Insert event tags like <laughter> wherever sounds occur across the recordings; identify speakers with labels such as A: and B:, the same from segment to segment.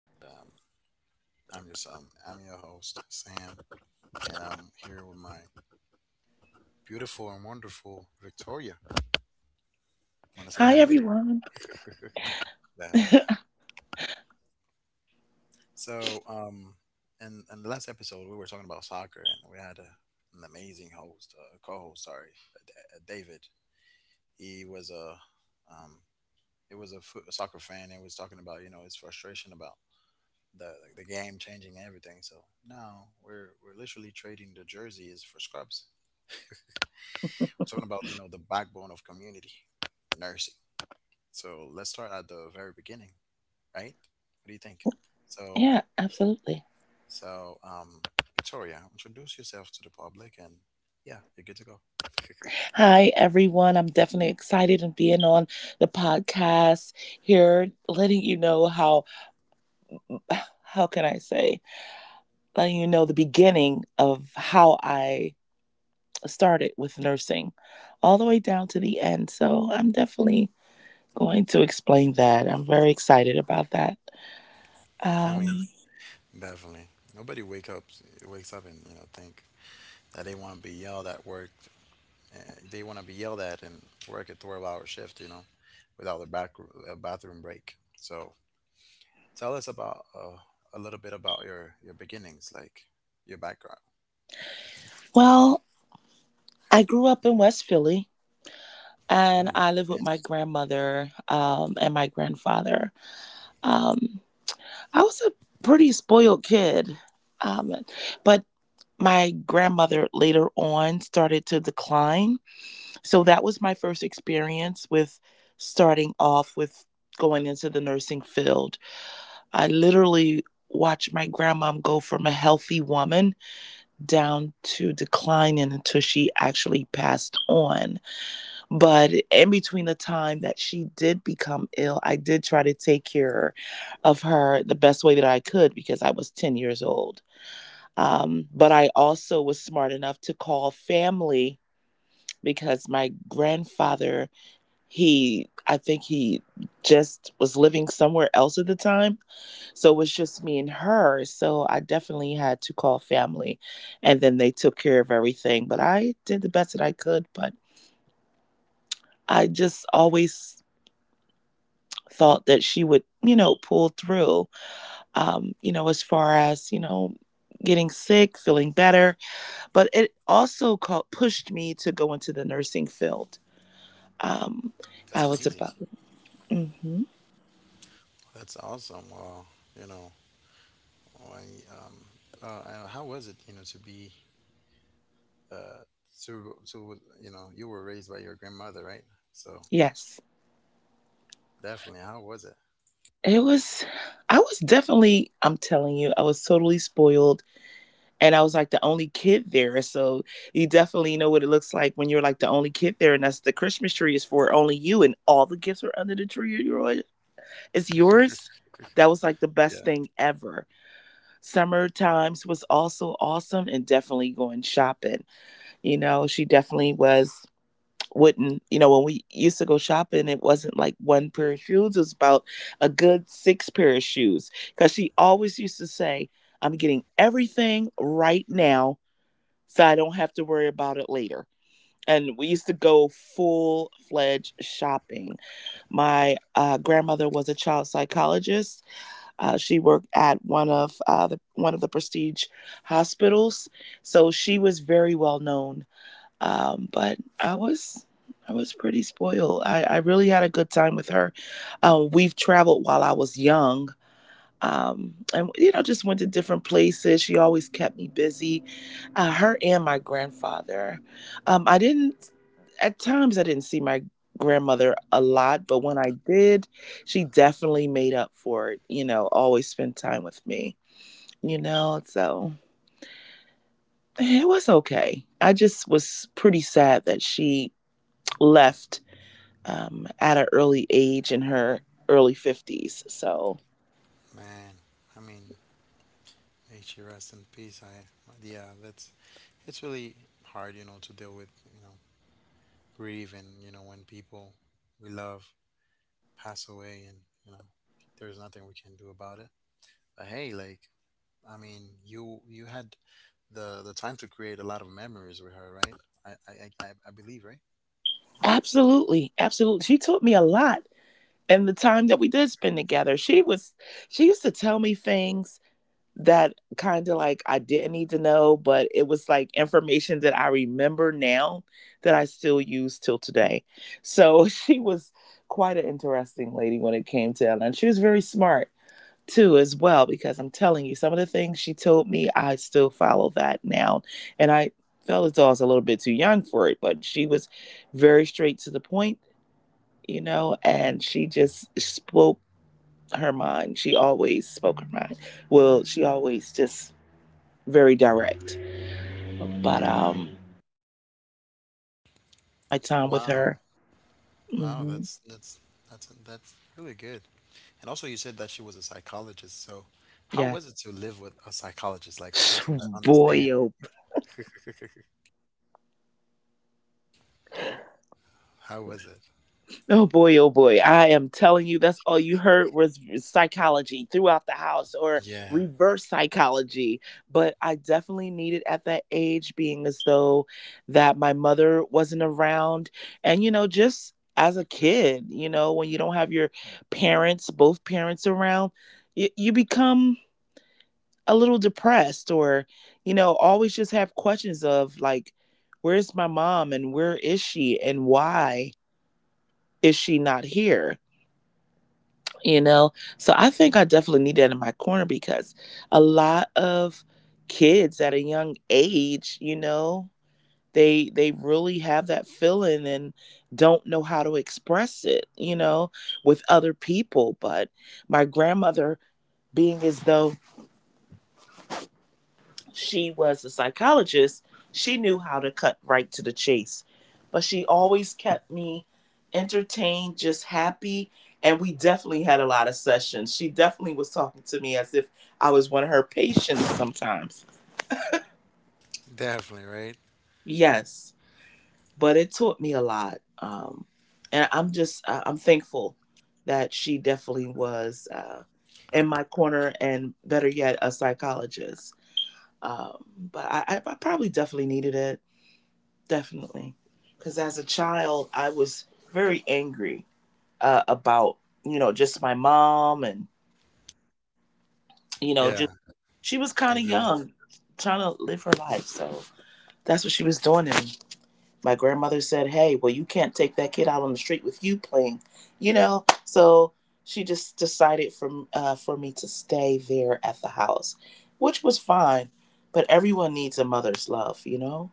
A: and I'm your son. I'm your host, Sam, and I'm here with my beautiful and wonderful Victoria. Want to say
B: Hi,
A: hi, Victoria?
B: everyone.
A: <laughs> Valley. So, in the last episode, we were talking about soccer, and we had an amazing co-host. Sorry, David. He was um, a a soccer fan, and was talking about his frustration about the game changing everything. So now we're literally trading the jerseys for scrubs. Talking about the backbone of community nursing. So let's start at the very beginning, right? What do you think?
B: Yeah,
A: So
B: absolutely.
A: so, Victoria, introduce yourself to the public, and yeah, you're good to go.
B: Hi, everyone. I'm definitely excited and being on the podcast here, letting you know how can I say, letting you know the beginning of how I started with nursing all the way down to the end. So I'm definitely going to explain that. I'm very excited about that.
A: <laughs> I
B: Um,
A: mean, definitely. Nobody wakes up and think that they want to be yelled at work. Uh, they want to be yelled at and work a 12-hour hour shift, you know, without a bathroom break. So tell us about a little bit about your beginnings, like your background.
B: well, I grew up in West Philly and I
A: Ooh,
B: lived with my
A: fancy.
B: grandmother and my grandfather. Um, I was a pretty spoiled kid. Um, but my grandmother later on started to decline. So that was my first experience with starting off with going into the nursing field. I literally watched my grandmom go from a healthy woman down to declining until she actually passed on. But in between the time that she did become ill, I did try to take care of her the best way that I could because I was 10 years old. But I also was smart enough to call family because my grandfather, I think he just was living somewhere else at the time. So it was just me and her. So I definitely had to call family and then they took care of everything. But I did the best that I could. But I just always thought that she would, you know, pull through, you know, as far as, you know, getting sick, feeling better. But it also pushed me to go into the nursing field. Um, I
A: That's
B: was about,
A: amazing.
B: hmm
A: That's awesome. Well, you know, I, um, how was it, to be, uh, you were raised by your grandmother, right? So
B: yes.
A: definitely, how was it?
B: It was, I was definitely, I'm telling you, I was totally spoiled. And I was like the only kid there. So you definitely know what it looks like when you're like the only kid there. And that's the Christmas tree is for only you, and all the gifts are under the tree. You're. Is
A: <laughs>
B: yours. That was like the best
A: Yeah.
B: thing ever. Summer Times was also awesome and definitely going shopping. You know, she definitely was wouldn't, you know, when we used to go shopping, it wasn't like one pair of shoes, it was about a good six pair of shoes, because she always used to say, I'm getting everything right now, so I don't have to worry about it later. And we used to go full-fledged shopping. My grandmother was a child psychologist. She worked at one of one of the prestige hospitals, so she was very well known. But I was pretty spoiled. I really had a good time with her. We've traveled while I was young, and you know, just went to different places. She always kept me busy, her and my grandfather. I didn't At times, I didn't see my grandmother a lot, but when I did, she definitely made up for it. You know, always spent time with me, you know. So it was okay. I just was pretty sad that she left at an early age, in her early 50's. So
A: Man, I mean, may she rest in peace. Yeah, that's it's really hard, to deal with, you know, grief and, when people we love pass away and, you know, there's nothing we can do about it. But hey, like, I mean, you had the time to create a lot of memories with her, right? I I I believe, right?
B: absolutely, absolutely, she taught me a lot. And the time that we did spend together, she was, she used to tell me things that kind of like I didn't need to know, but it was like information that I remember now, that I still use till today. So <laughs> she was quite an interesting lady when it came to, and she was very smart too as well, because I'm telling you, some of the things she told me, I still follow that now. And I felt as though I was a little bit too young for it, but she was very straight to the point, you know. And she just spoke her mind. She always spoke her mind. Well, she always just Very direct. But my time with her,
A: Wow. Wow,
B: hmm
A: that's really good. And also you said that she was a psychologist, so how
B: yeah,
A: was it to live with a psychologist, like a person that
B: boy,
A: understands?
B: oh
A: <laughs> How was it?
B: Oh boy, oh boy. I am telling you, that's all you heard was psychology throughout the house, or
A: Yeah,
B: reverse psychology. But I definitely needed at that age, being as though that my mother wasn't around. And, you know, just as a kid, you know, when you don't have your parents, both parents around, you become a little depressed, or, you know, always just have questions of like, where's my mom, and where is she, and why is she not here? You know, so I think I definitely need that in my corner, because a lot of kids at a young age, you know, they really have that feeling and don't know how to express it, you know, with other people. But my grandmother, being as though she was a psychologist, she knew how to cut right to the chase. But she always kept me entertained, just happy. And we definitely had a lot of sessions. She definitely was talking to me as if I was one of her patients sometimes.
A: definitely, right?
B: Yes, but it taught me a lot. I'm thankful that she definitely was in my corner, and better yet, a psychologist. But I probably definitely needed it, definitely. Because as a child, I was very angry about, you know, just my mom, and, you know, just,
A: Yeah,
B: she was kind of
A: I get it.
B: young, trying to live her life. So that's what she was doing to me. My grandmother said, hey, well, you can't take that kid out on the street with you playing, you know? So she just decided for me to stay there at the house, which was fine. But everyone needs a mother's love, you know?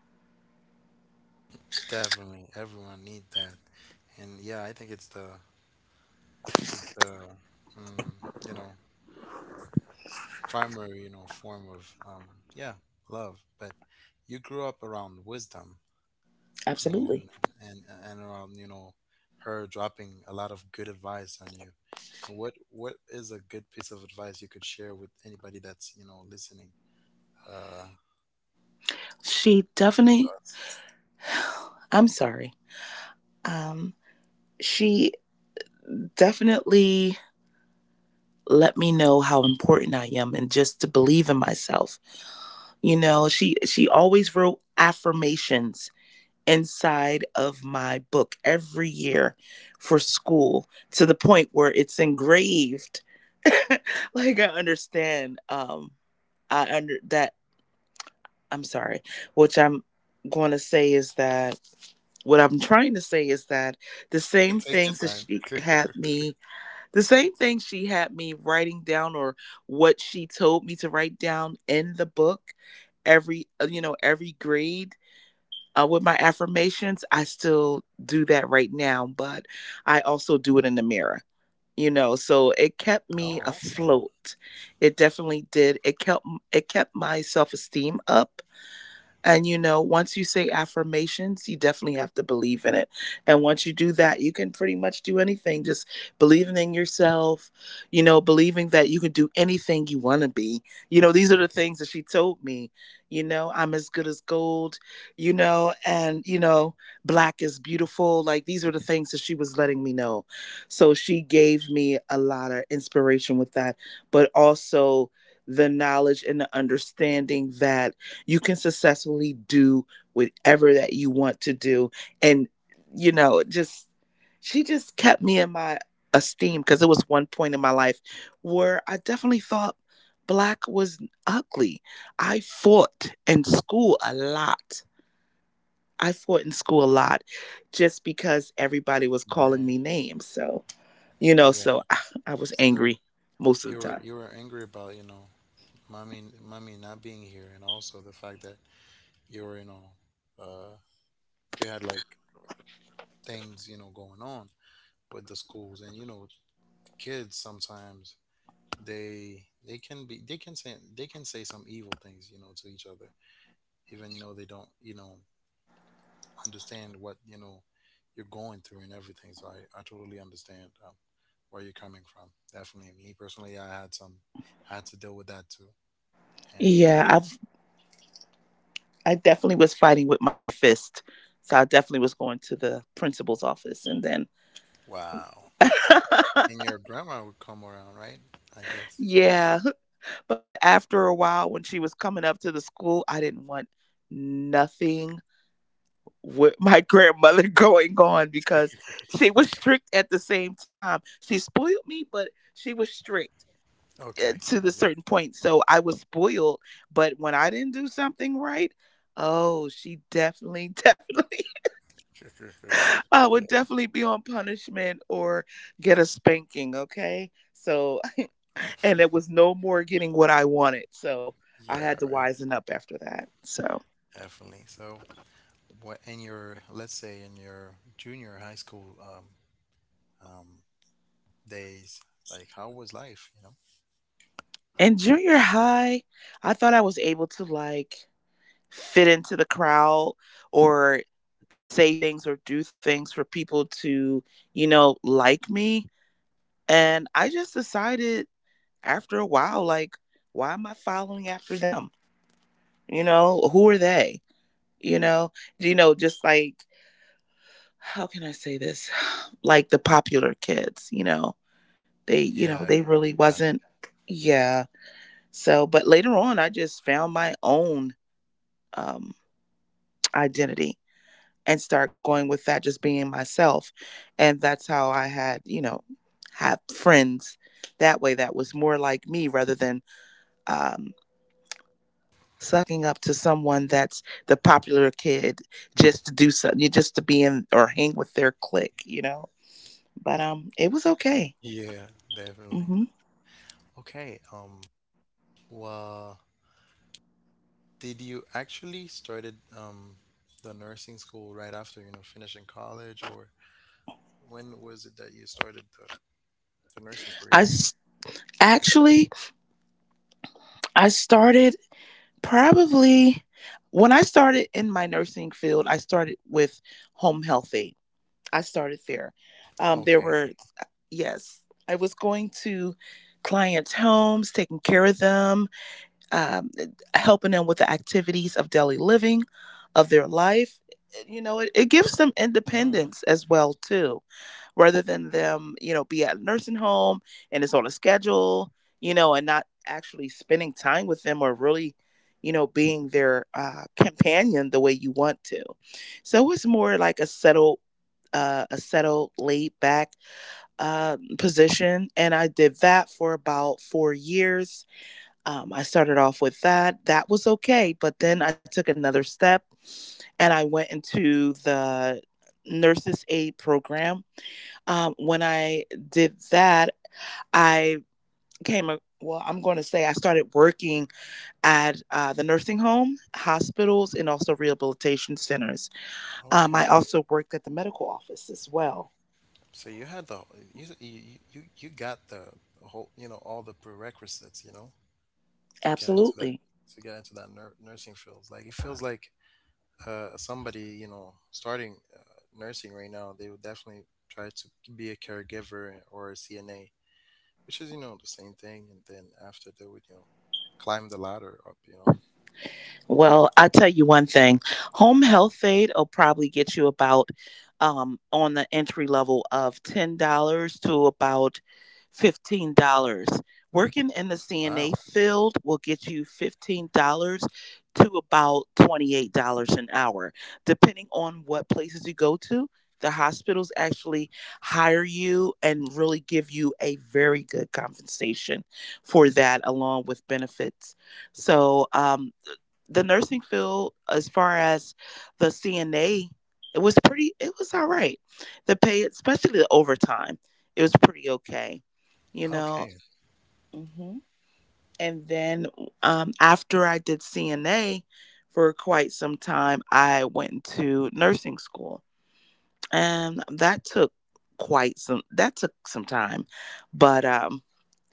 A: Definitely, everyone need that, and yeah, I think it's the mm, you know primary form of yeah love. But you grew up around wisdom
B: Absolutely.
A: and and around her dropping a lot of good advice on you. And what is a good piece of advice you could share with anybody that's listening? Uh,
B: She definitely,
A: to us?
B: I'm sorry. Um, she definitely let me know how important I am, and just to believe in myself. You know, she always wrote affirmations inside of my book every year for school, to the point where it's engraved. <laughs> like I understand I under that I'm sorry, which I'm going to say is that what I'm trying to say is that the same
A: <laughs> Take
B: things
A: your
B: that
A: time.
B: she had
A: <laughs>
B: me the same thing she had me writing down, or what she told me to write down in the book every, you know, every grade, with my affirmations. I still do that right now, but I also do it in the mirror, you know. So it kept me
A: Oh, awesome,
B: afloat. It definitely did. It kept my self-esteem up. And you know, once you say affirmations, you definitely have to believe in it. And once you do that, you can pretty much do anything. Just believing in yourself, you know, believing that you can do anything you want to be. You know, these are the things that she told me. You know, I'm as good as gold, you know, and, you know, black is beautiful. Like these are the things that she was letting me know. So she gave me a lot of inspiration with that, but also the knowledge and the understanding that you can successfully do whatever that you want to do. And you know, just, she just kept me in my esteem, because it was one point in my life where I definitely thought black was ugly. i fought in school a lot I fought in school a lot, just because everybody was calling me
A: man.
B: names. So you know,
A: Yeah.
B: so <laughs> I was
A: So
B: angry most of the time.
A: You were angry about mommy, mommy not being here, and also the fact that you were you know uh, you had, like, things going on with the schools, and kids sometimes they can be they can say some evil things, to each other, even though they don't understand what you're going through and everything. So I totally understand, where you're coming from. Definitely, me personally, I had some I had to deal with that too, and
B: Yeah,
A: yeah,
B: I definitely was fighting with my fist. So I definitely was going to the principal's office, and then
A: wow. And your grandma would come around, right? I
B: <laughs>
A: guess.
B: yeah, but after a while, when she was coming up to the school, I didn't want nothing with <laughs> my grandmother going on, because
A: <laughs>
B: she was strict at the same time. She spoiled me, but she was strict,
A: Okay,
B: to
A: I
B: the certain point. So I was spoiled, but when I didn't do something right, oh, she definitely <laughs> definitely,
A: guess. <laughs>
B: I would
A: Yeah,
B: definitely be on punishment or get a spanking, okay? So, <laughs> and it was no more getting what I wanted. So, I
A: yeah,
B: had to
A: right.
B: wisen up after that. So,
A: Definitely. So, what in let's say, in your junior high school, um days, like how was life, you know?
B: in junior high, I thought I was able to like fit into the crowd, or say things or do things for people to, you know, like me. And I just decided after a while, like, why am I following after them? You know, who are they? You know, you know, just like, how can I say this? <sighs> Like the popular kids, you know, they you
A: Yeah,
B: know,
A: I
B: they really
A: got
B: wasn't, yeah. So but later on, I just found my own um identity, and start going with that, just being myself. And that's how I had, you know, have friends that way, that was more like me, rather than um sucking up to someone that's the popular kid, just to do something, just to be in, or hang with their clique, you know. But it was okay.
A: you. Yeah, definitely.
B: hmm
A: Okay, well, did you actually started the nursing school right after, you know, finishing college or when was it that you started the nursing
B: I
A: career?
B: s- Actually, I started probably, when I started in my nursing field, I started with home health aid. I started there. There
A: Okay.
B: were yes, I was going to clients' homes, taking care of them, um, helping them with the activities of daily living, of their life. You know, it gives them independence as well too rather than them, you know, be at a nursing home and it's on a schedule, you know, and not actually spending time with them or really, you know, being their companion the way you want to. So it's more like a settled, laid back position. And I did that for about 4 years. I started off with that. That was okay. But then I took another step and I went into the nurses aid program when I did that, I came, well, I'm going to say I started working at the nursing home, hospitals, and also rehabilitation centers. I
A: Okay.
B: also worked at the medical office as well.
A: So you you you got the whole you know all the prerequisites, to get into that,
B: Absolutely.
A: nursing field. Like it feels like somebody, starting, nursing right now, they would definitely try to be a caregiver or a CNA, which is, the same thing. And then after, they would, climb the ladder up. You know.
B: Well, I tell you one thing, home health aid will probably get you about on the entry level of $10 to about $15. Working in the CNA
A: Wow.
B: field will get you $15 to about $28 an hour, depending on what places you go to. The hospitals actually hire you and really give you a very good compensation for that, along with benefits. So, the nursing field as far as the CNA, it was all right. The pay, especially the overtime, it was pretty okay. You know,
A: Okay.
B: hmm and then after I did CNA for quite some time, I went to nursing school, and that took quite some that took some time, but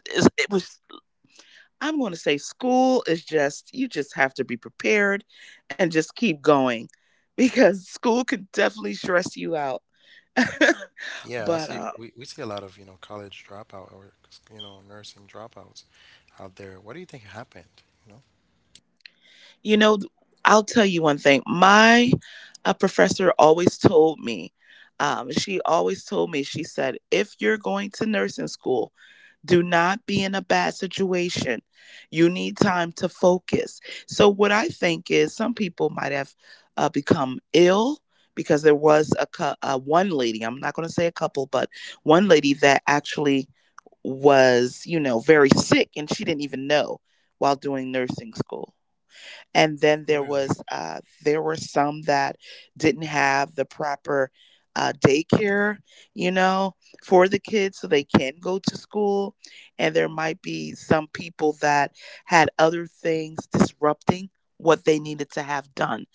B: it, it was. I'm going to say school is just, you just have to be prepared and just keep going because <laughs> school can definitely stress you out. <laughs>
A: Yeah, I
B: but
A: see. We, see a lot of, college dropout, or, nursing dropouts out there. What do you think happened? You know?
B: You know, I'll tell you one thing. My professor always told me, she said, if you're going to nursing school, do not be in a bad situation. You need time to focus. So, what I think is some people might have become ill because there was a, one lady, I'm not going to say a couple, but one lady that actually was, you know, very sick and she didn't even know while doing nursing school, and then
A: Oh,
B: there
A: really?
B: was there were some that didn't have the proper daycare, you know, for the kids so they can go to school, and there might be some people that had other things disrupting what they needed to have done.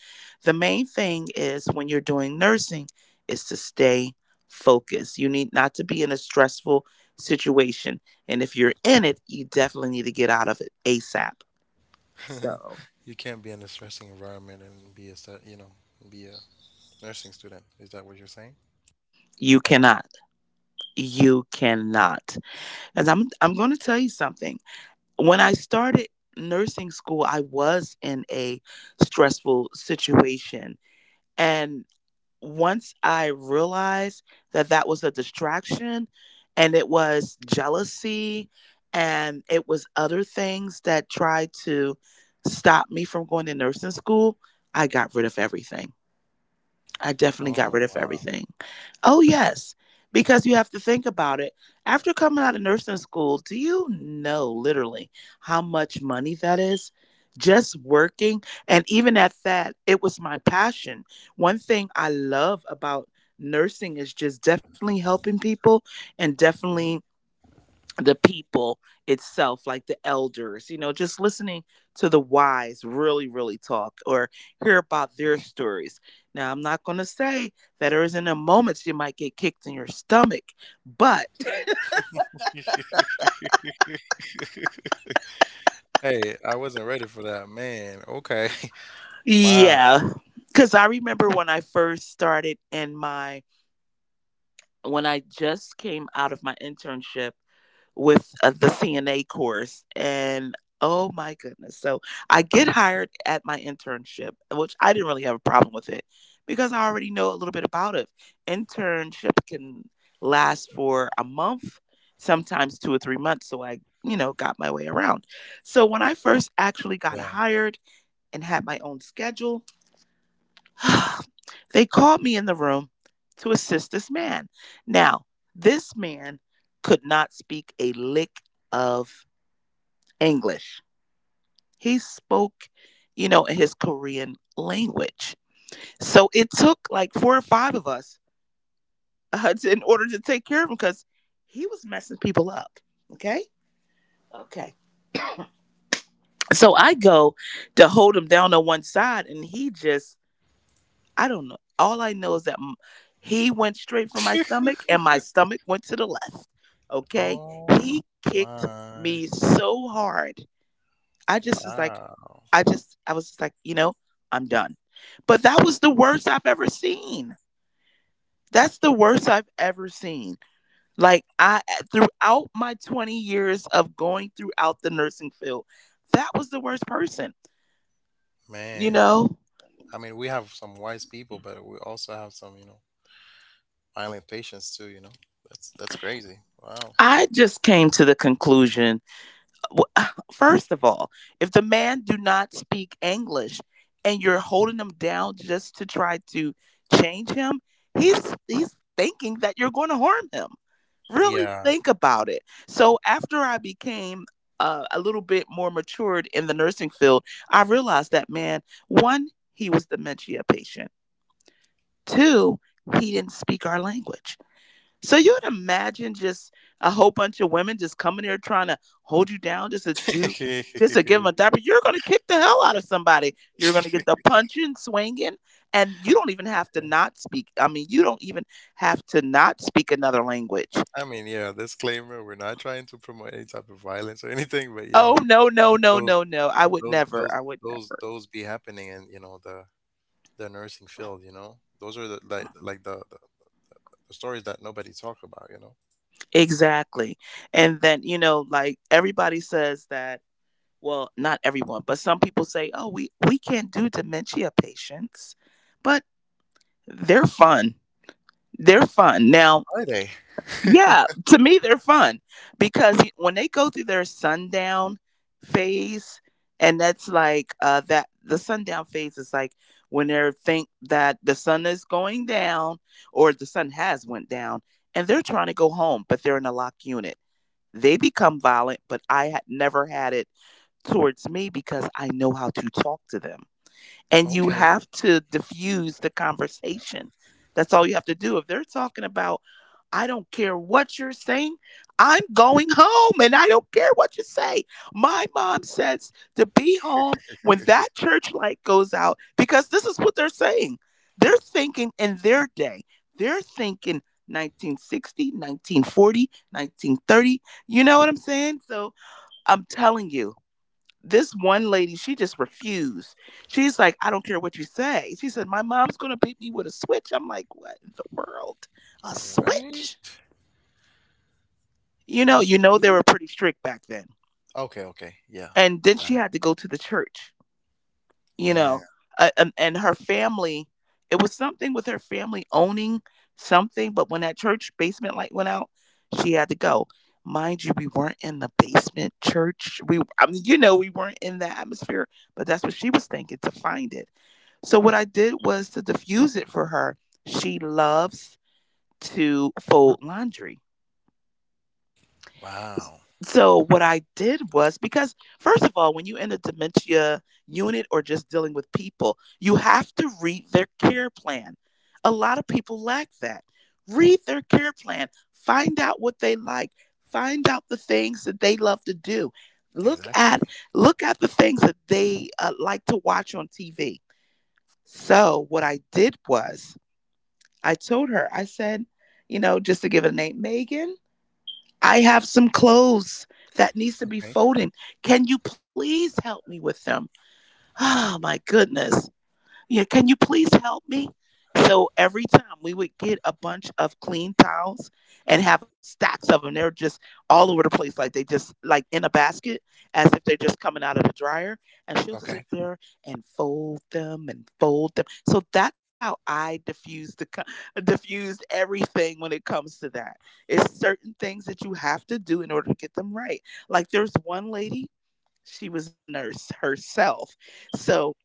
B: The main thing is when you're doing nursing is to stay focused. You need not to be in a stressful situation, and if you're in it you definitely need to get out of it asap.
A: <laughs>
B: So
A: You can't be in a stressing environment and be a nursing student. Is that what you're saying?
B: you cannot. You cannot. Because I'm going to tell you something. When I started nursing school, I was in a stressful situation, and once I realized that that was a distraction, and it was jealousy, and it was other things that tried to stop me from going to nursing school, I got rid of everything. I definitely got
A: Oh,
B: rid of
A: wow.
B: everything. Oh, yes, because you have to think about it. After coming out of nursing school, do you know literally how much money that is? Just working. And even at that, it was my passion. One thing I love about nursing is just definitely helping people and definitely
A: Mhm.
B: the people itself, like the elders, you know, just listening to the wise really, really talk or hear about their stories. Now, I'm not going to say that there isn't a moment you might get kicked in your stomach, but
A: <laughs> Hey, I wasn't ready for that, man. Okay. <laughs>
B: <laughs> yeah,
A: Wow.
B: because I remember when I first started in my when I just came out of my internship with the CNA course and oh my goodness. So I get hired at my internship, which I didn't really have a problem with it because I already know a little bit about it. Internship can last for a month, sometimes 2 or 3 months, so I, you know, got my way around. So when I first actually got
A: Yeah.
B: hired and had my own schedule, <sighs> they called me in the room to assist this man. Now, this man could not speak a lick of English. He spoke, you know, in his Korean language. So it took like four or five of us <laughs> to, in order to take care of him because he was messing people up. Okay. Okay. So I go to hold him down on one side and he just I don't know. All I know is that he went straight for my stomach and my
A: <laughs>
B: stomach went to the left. Okay? He
A: Oh
B: kicked
A: my.
B: me so hard. I just was like,
A: Wow.
B: I was just like, you know, I'm done. But that was the worst I've ever seen. That's the worst I've ever seen. Like, I, throughout my 20 years of going throughout the nursing field, that was the worst person. You
A: Man.
B: know,
A: I mean, we have some wise people, but we also have some, violent patients too. You know, that's crazy. Wow.
B: I just came to the conclusion wh- <sighs> <laughs> first of all, if the man do not speak English and you're holding him down just to try to change him, he's thinking that you're going to harm him. Really
A: Yeah.
B: think about it. So after I became a little bit more matured in the nursing field, I realized that man, one, he was dementia patient. Two, he didn't speak our language, so you would imagine just a whole bunch of women just coming here trying to hold you down, just
A: <laughs>
B: to give them a diaper. You're going to kick the hell out of somebody. You're going to get the punching, swinging, and you don't even have to
A: Yeah.
B: not speak. I mean, you don't even have to not speak another language.
A: I mean, yeah. Disclaimer: we're not trying to promote any type of violence or anything, but
B: Oh
A: yeah,
B: no, no, no,
A: those
B: no, no! I would
A: those
B: never.
A: those
B: I would
A: those
B: never.
A: those be happening in, the nursing field. You know, those are the, like the stories that nobody talk about. You know,
B: Exactly. And then you know, like everybody says that. Well, not everyone, but some people say, "Oh, we can't do dementia patients," but they're fun. They're fun. Now,
A: are they?
B: yeah, to me, they're fun because when they go through their sundown phase, and that's like that the sundown phase is like when they think that the sun is going down or the sun has went down, and they're trying to go home, but they're in a locked unit. They become violent, but I had never had it towards me because I know how to talk to them,
A: <laughs>
B: and you
A: Okay.
B: have to diffuse the conversation. That's all you have to do. If they're talking about, I don't care what you're saying, I'm going home and I don't care what you say. My mom says to be home when that church light goes out because this is what they're saying. They're thinking in their day, they're thinking 1960, 1940, 1930. You know what I'm saying? So I'm telling you, this one lady, she just refused. She's like, I don't care what you say. She said, my mom's gonna beat me with a switch. I'm like, what in the world? A switch?
A: Right. A
B: You know they
A: school?
B: were pretty strict back then.
A: Okay. Okay. Yeah.
B: And then
A: Got
B: she had to go to the church.
A: it.
B: you know
A: Man.
B: and her family, it was something with her family owning something, but when that church basement light went out, she had to go. Mind you, we weren't in the basement church. We I mean, you know, we weren't in the atmosphere, but that's what she was thinking to find it. So what I did was to diffuse it for her. She loves to fold laundry,
A: Wow,
B: so what I did was, because first of all, when you in a dementia unit or just dealing with people, you have to read their care plan. A lot of people lack that. Read their care plan, find out what they like, find out the things that they love to do. Look
A: exactly.
B: at Look at the things that they like to watch on TV. So what I did was I told her, I said, you know, just to give it a name, Megan. I have some clothes that needs to be
A: Okay,
B: folding. Can you please help me with them? Oh my goodness, yeah, can you please help me? So every time we would get a bunch of clean towels and have a stacks of them. They're just all over the place, like they just like in a basket, as if they're just coming out of the dryer. And she'll
A: okay.
B: sit there and fold them and fold them. So that's how I diffused everything when it comes to that. It's certain things that you have to do in order to get them right. Like there's one lady, she was a nurse herself, so. <clears throat>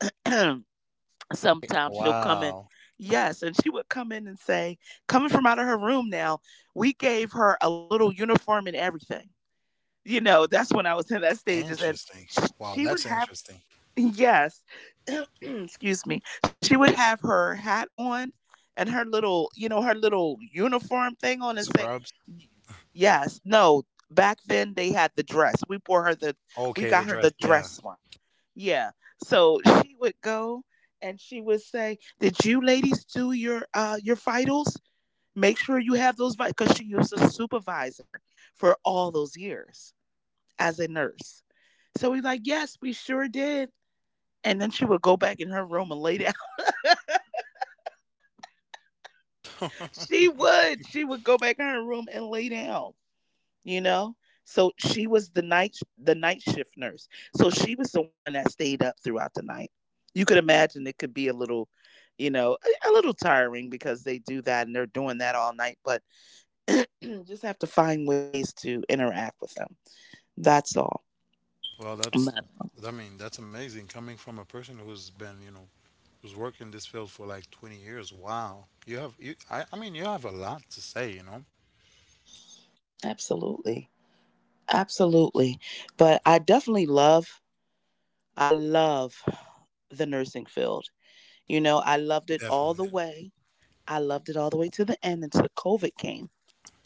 B: Sometimes she'll come in.
A: Wow,
B: Yes, and she would come in and say, coming from out of her room now, we gave her a little uniform and everything. You know, that's when I was in that stages and
A: interesting. Wow,
B: she would
A: that's
B: have.
A: interesting.
B: Yes. <clears throat> Excuse me. She would have her hat on and her little, her little uniform thing on and say,
A: Scrubs.
B: yes, no, back then they had the dress. We bought her the, we
A: Okay, the
B: got her
A: dress.
B: the
A: Yeah.
B: dress one. Yeah. So she would go and she would say, did you ladies do your vitals? Make sure you have those vitals. Cause she was a supervisor for all those years as a nurse. So we like, yes, we sure did. And then she would go back in her room and lay down. <laughs> She
A: <laughs>
B: would. She would go back in her room and lay down, you know? So she was the night shift nurse. So she was the one that stayed up throughout the night. You could imagine it could be a little, you know, a little tiring because they do that and they're doing that all night, but <clears throat> just have to find ways to interact with them. That's all.
A: Well, that's,
B: But
A: I mean, that's amazing coming from a person who's been, who's worked in this field for like 20 years. Wow. You have, I mean, you have a lot to say, you know?
B: absolutely. Absolutely. But I definitely love, I love the nursing field. You know, I loved it all the
A: Definitely.
B: way. I loved it all the way to the end until COVID came,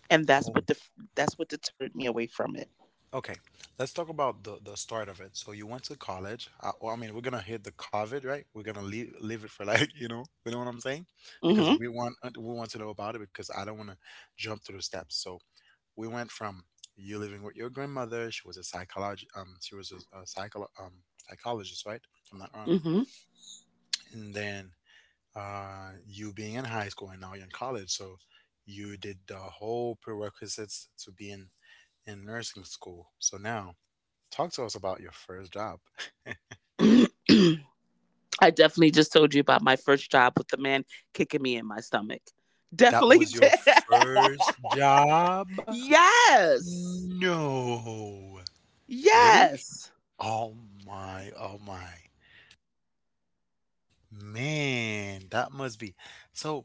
B: and
A: Oh,
B: that's what deterred me away from it.
A: okay, let's talk about the start of it. So you went to college. Well, I mean, we're gonna hit the COVID, right? We're gonna leave it for like <laughs> you know what I'm saying? Because we want to know about it, because I don't want to jump through the steps. So we went from you living with your grandmother. She was a psychologist. She was a psychologist, right? If I'm not wrong.
B: Mm-hmm.
A: And then you being in high school, and now you're in college. So you did the whole prerequisites to be in nursing school. So now, talk to us about your first job.
B: Mm-hmm. <clears throat> I definitely just told you about my first job with the man kicking me in my stomach.
A: That
B: Definitely
A: was your
B: did.
A: first job?
B: <laughs> Yes.
A: No. Really?
B: Yes.
A: Oh my, oh my. Man, that must be. So,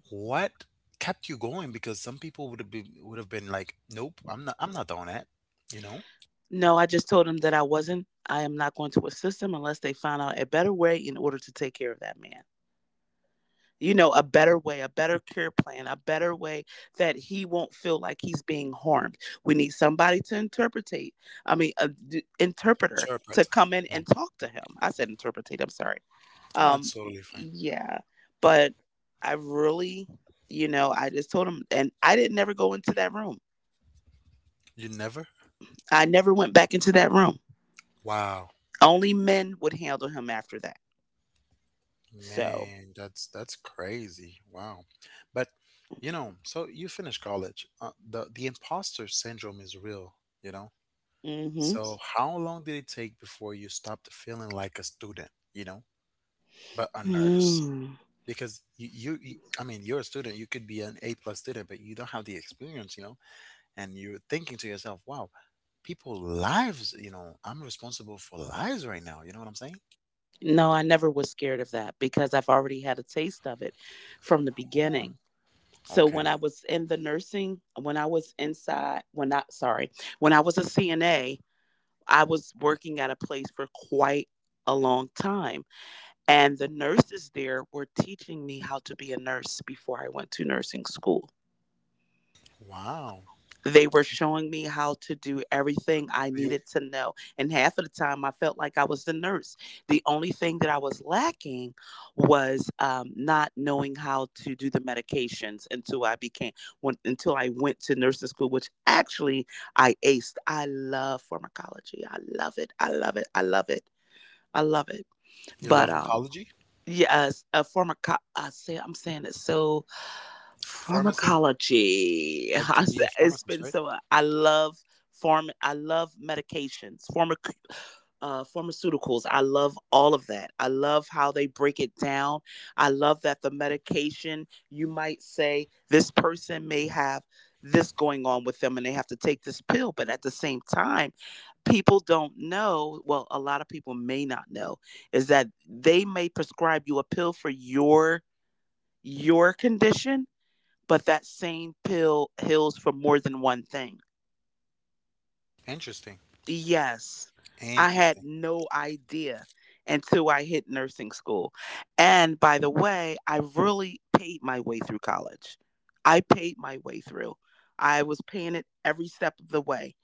A: what kept you going? Because some people would have been like, "Nope, I'm not doing that." You know?
B: No, I just told him that I wasn't. I am not going to assist him unless they found out a better way in order to take care of that man. You know, a better way, a better cure plan, a better way that he won't feel like he's being harmed. We need somebody to interpretate. I mean, interpreter
A: Sure, but
B: to come in
A: yeah.
B: and talk to him. I said interpretate. I'm sorry.
A: No, it's
B: Um,
A: totally fine.
B: yeah, but I really, you know, I just told him, and I didn't never go into that room.
A: You never?
B: I never went back into that room.
A: Wow.
B: Only men would handle him after that. So,
A: Man, that's crazy. Wow. But so you finished college. The imposter syndrome is real, you know. So how long did it take before you stopped feeling like a student, but a nurse?
B: mm-hmm.
A: Because you I mean, you're a student. You could be an A plus student, but you don't have the experience. And you're thinking to yourself, "Wow, people lives, I'm responsible for lives right now." You know what I'm saying?
B: No, I never was scared of that because I've already had a taste of it from the
A: Oh,
B: beginning. So
A: okay.
B: when I was inside, when not sorry, when I was a CNA, I was working at a place for quite a long time. And the nurses there were teaching me how to be a nurse before I went to nursing school.
A: Wow.
B: They were showing me how to do
A: So
B: everything I
A: so you
B: needed to know. And half of the time, I felt like I was the nurse. The only thing that I was lacking was not knowing how to do the medications until until I went to nursing school, which actually I aced. I love pharmacology. I love it. I love it. I love it. I love it.
A: You love
B: But
A: oncology?
B: yes, a pharmaco- I say I'm saying it so
A: Pharmacist?
B: pharmacology. <laughs>
A: Like to be a
B: It's
A: pharmacist,
B: been
A: right?
B: so. I love pharma. I love medications, pharma, pharmaceuticals. I love all of that. I love how they break it down. I love that the medication. You might say this person may have this going on with them, and they have to take this pill. But at the same time, people don't know. Well, a lot of people may not know is that they may prescribe you a pill for your condition, but that same pill heals for more than one thing.
A: Interesting.
B: Yes, I had
A: Interesting.
B: no idea until I hit nursing school. And by the way, I really paid my way through college. I paid my way through. I was paying it every step of the way.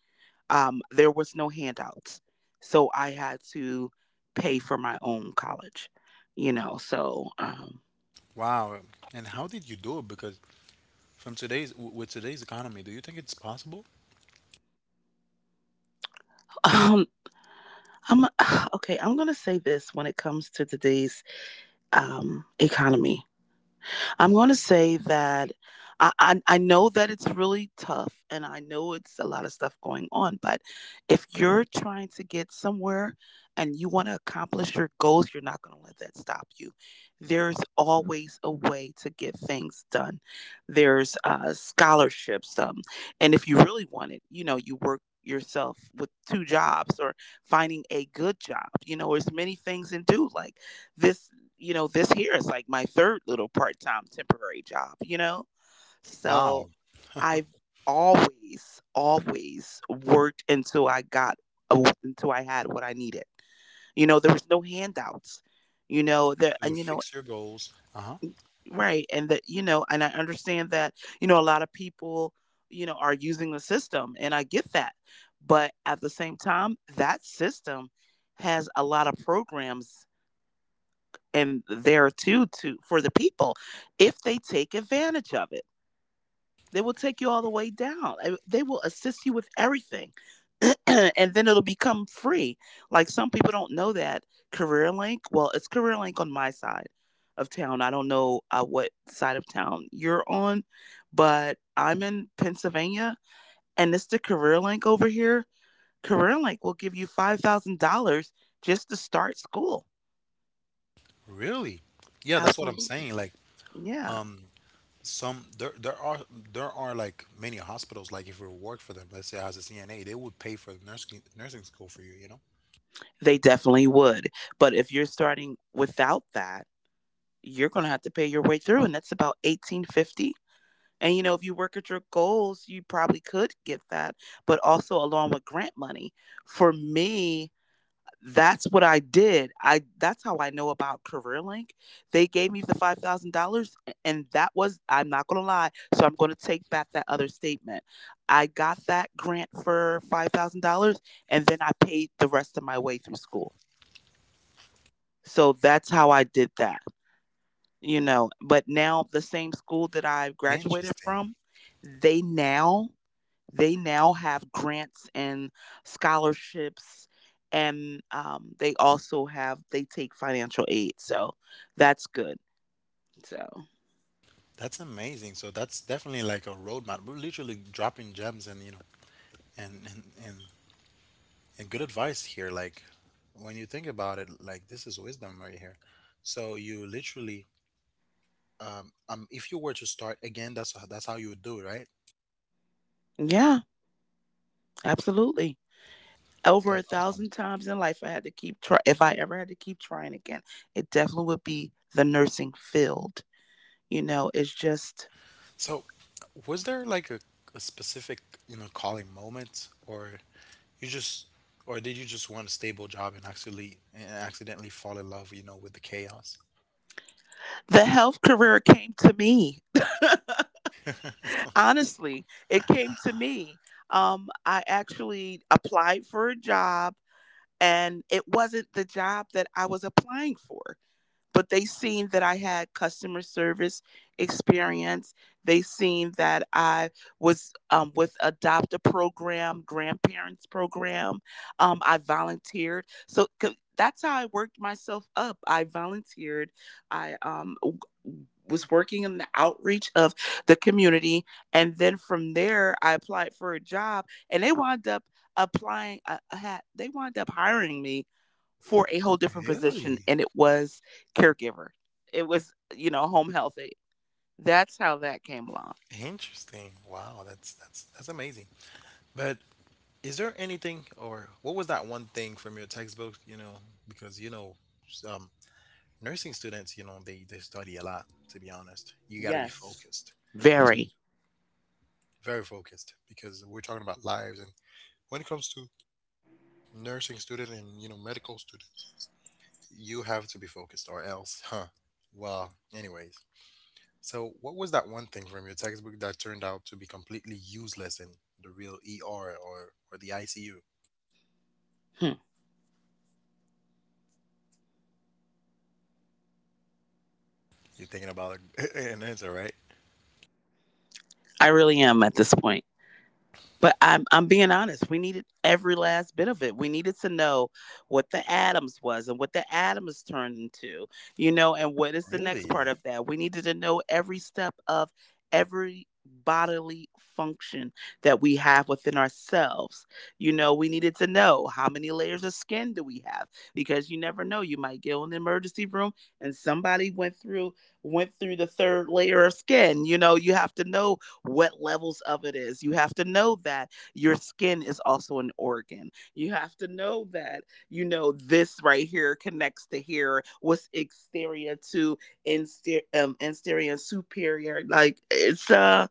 B: There was no handouts. So I had to pay for my own college, you know. So
A: Wow. And how did you do it? Because from with today's economy, do you think it's possible?
B: <laughs> um, I'm <sighs> okay. I'm going to say this when it comes to today's economy. I'm going to say that I know that it's really tough, and I know it's a lot of stuff going on. But if you're trying to get somewhere and you want to accomplish your goals, you're not going to let that stop you. There's always a way to get things done. There's scholarships, and if you really want it, you know, you work yourself with two jobs or finding a good job, you know, there's many things in do like this, you know, this here is like my third little part time temporary job, you know?
A: Wow.
B: So I've always, always worked until I got, until I had what I needed. You know, there was no handouts, you know, there,
A: So you
B: and you know,
A: fix your goals. Uh-huh.
B: right. And that, you know, and I understand that, you know, a lot of people, you know, are using the system and I get that. But at the same time, that system has a lot of programs and there too to for the people if they take advantage of it, they will take you all the way down. They will assist you with everything <clears throat> and then it'll become free, like some people don't know that careerlink, well, it's careerlink on my side of town. I don't know what side of town you're on, but I'm in pennsylvania and it's the careerlink over here. Careerlink will give you $5,000 just to start school.
A: Really? Yeah, that's what I'm
B: Absolutely.
A: saying. Like,
B: Yeah.
A: um, some there there are like many hospitals. Like if you work for them, let's say as a CNA, they would pay for the nursing school for you. You know.
B: They definitely would. But if you're starting without that, you're going to have to pay your way through and that's about 1850. And you know, if you work at your goals, you probably could get that, but also along with grant money. For me, that's what I did. I that's how I know about CareerLink. They gave me the $5,000 and that was, I'm not going to lie, so I'm going to take back that other statement. I got that grant for $5,000 and then I paid the rest of my way through school. So that's how I did that, you know. But now the same school that I graduated from,
A: Interesting.
B: they now, they now have grants and scholarships and they also have, they take financial aid. So that's good. So
A: That's amazing. So that's definitely like a roadmap. We're literally dropping gems and, and and and, and good advice here, like, when you think about it, like, this is wisdom right here. So you literally, if you were to start again, that's how you would do it, right?
B: yeah, absolutely. Over a
A: That's awesome.
B: thousand times in life I had to keep try if I ever had to keep trying again, it definitely would be the nursing field. You know, it's just
A: So was there like a specific, calling moment, or you just or did you just want a stable job and actually and accidentally fall in love, with the chaos?
B: the health career came to me honestly, it came to me. I actually applied for a job and it wasn't the job that I was applying for, but they seen that I had customer service experience. They seen that I was with adopt a program, grandparents program. I volunteered, so 'cause that's how I worked myself up. I volunteered. I um, w- was working in the outreach of the community, and then from there, I applied for a job, and they wound up applying. They wound up hiring me for a whole different position
A: Really
B: and it was caregiver. It was, you know, home health aide. That's how that came along.
A: interesting. Wow, that's amazing. But is there anything, or what was that one thing from your textbook, you know, because you know um nursing students, they study a lot, to be honest. You got to be
B: Yes.
A: focused. To
B: Very.
A: very focused, because we're talking about lives, and when it comes to nursing students and, medical students, you have to be focused or else, huh. Well, anyways. So, what was that one thing from your textbook that turned out to be completely useless in the real ER or the ICU?
B: Hmm.
A: You're thinking about <laughs> an answer, right?
B: I really am at this point. But I'm being honest. We needed every last bit of it. We needed to know what the atoms was and what the atom is turned into, you know, and what is the next part
A: Really?
B: of that. We needed to know every step of every bodily function that we have within ourselves. You know, we needed to know how many layers of skin do we have, because you never know. You might get in the emergency room and somebody went through the third layer of skin. You know, you have to know what levels of it is. You have to know that your skin is also an organ. You have to know that, you know, this right here connects to here, what's exterior to exterior and superior. Like it's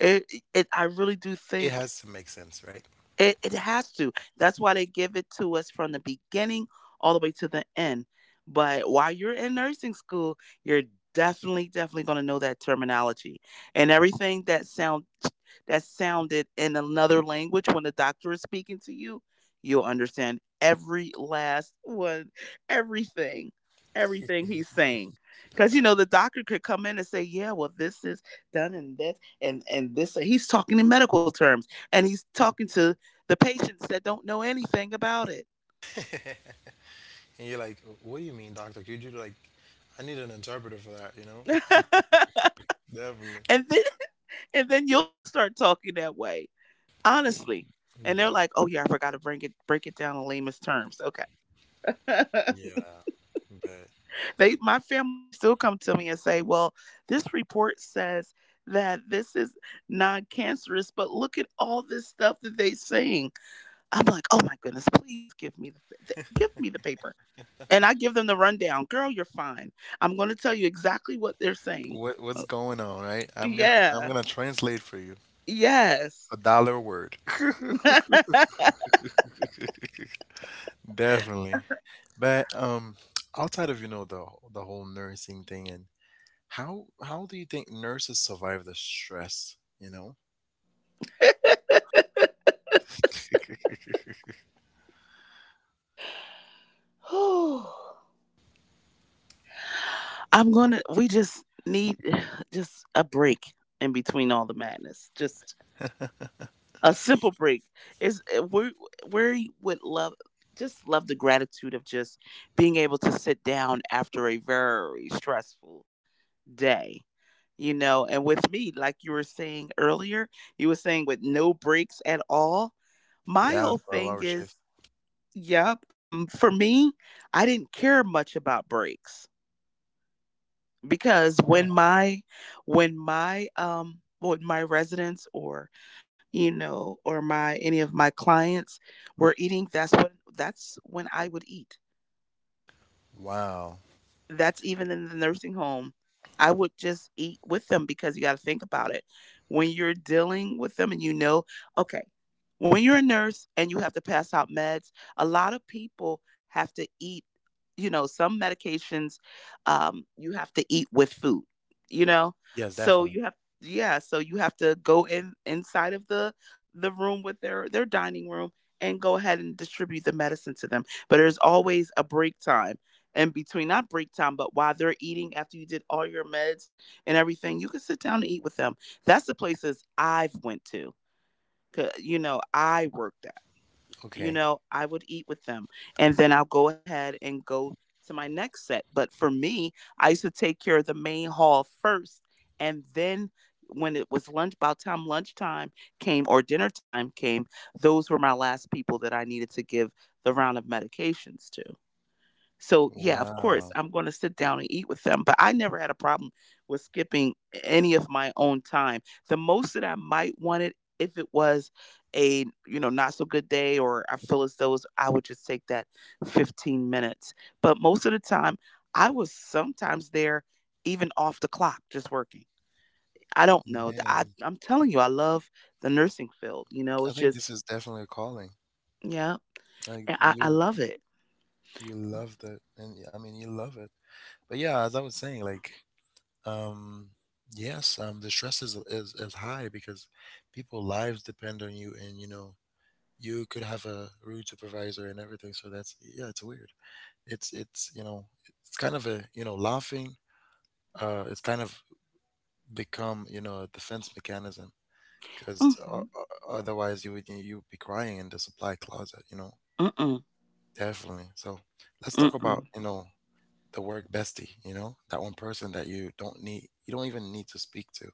B: it I really do
A: It
B: think
A: has to make sense, right?
B: it has to. That's why they give it to us from the beginning all the way to the end. But while you're in nursing school, you're definitely, definitely going to know that terminology and everything that sounded in another language when the doctor is speaking to you. You'll understand every last one, everything, everything he's saying. Because you know the doctor could come in and say, "Yeah, well, this is done and this and this." He's talking in medical terms and he's talking to the patients that don't know anything about it.
A: <laughs> And you're like, what do you mean, doctor? Could you, like, I need an interpreter for that, you know?
B: <laughs>
A: <laughs> Definitely.
B: And then and then you'll start talking that way. Honestly. And they're like, "Oh
A: Definitely.
B: yeah, I forgot to bring it break it down in layman's terms." Okay. <laughs>
A: Yeah. But
B: they My family still come to me and say, "Well, this report says that this is non-cancerous, but look at all this stuff that they're saying." I'm like, "Oh my goodness, please give me the give me the paper." And I give them the rundown. "Girl, you're fine. I'm going to tell you exactly what they're saying."
A: what's going on, right? I'm
B: Yeah.
A: gonna translate for you,
B: Yes.
A: a dollar a word. <laughs>
B: <laughs>
A: Definitely. But outside of, the whole nursing thing, and how do you think nurses survive the stress? You know? <laughs>
B: I'm going to We just need <sighs> just a break in between all the madness. Just a simple break. Is we we would love just love the gratitude of just being able to sit down after a very stressful day. You know, and with me, like you were saying earlier, you were saying with no breaks at all. My
A: Yeah,
B: whole
A: 12-hour
B: thing
A: shift.
B: is. Yep. For me, I didn't care much about breaks because
A: Wow.
B: when my residents or you know or my any of my clients were eating, that's when I would eat.
A: Wow.
B: That's even in the nursing home. I would just eat with them because you got to think about it. When you're dealing with them and you know, okay, when you're a nurse and you have to pass out meds, a lot of people have to eat, you know, some medications you have to eat with food, you know?
A: Yes,
B: So
A: definitely.
B: you have, yeah, so you have to go in inside of the room with their dining room and go ahead and distribute the medicine to them. But there's always a break time in between, not break time, but while they're eating, after you did all your meds and everything, you can sit down and eat with them. That's the places I've went to. 'Cause, you know, I worked at, you
A: Okay.
B: know, I would eat with them and then I'll go ahead and go to my next set. But for me, I used to take care of the main hall first, and then when it was lunchtime came or dinner time came, those were my last people that I needed to give the round of medications to. So yeah, of course,
A: Wow.
B: I'm going to sit down and eat with them. But I never had a problem with skipping any of my own time. The most that I might want it if it was a, you know, not so good day or I feel as though I would just take that 15 minutes. But most of the time, I was sometimes there even off the clock, just working. I don't know.
A: Man,
B: I'm telling you, I love the nursing field. You know,
A: I
B: it's
A: think
B: just,
A: this is definitely a calling.
B: yeah,
A: Like
B: I
A: you
B: love it.
A: you love that and I mean you love it. But yeah, as I was saying, like um yes, um the stress is high because people lives depend on you and you know you could have a rude supervisor and everything. So that's yeah, it's weird. It's it's kind of a laughing. It's kind of become a defense mechanism because
B: Mm-hmm.
A: otherwise you'd be crying in the supply closet.
B: Mm-mm.
A: Definitely. So let's talk about
B: Mm-mm.
A: the work bestie. You know that one person that you don't need, you don't even need to speak to.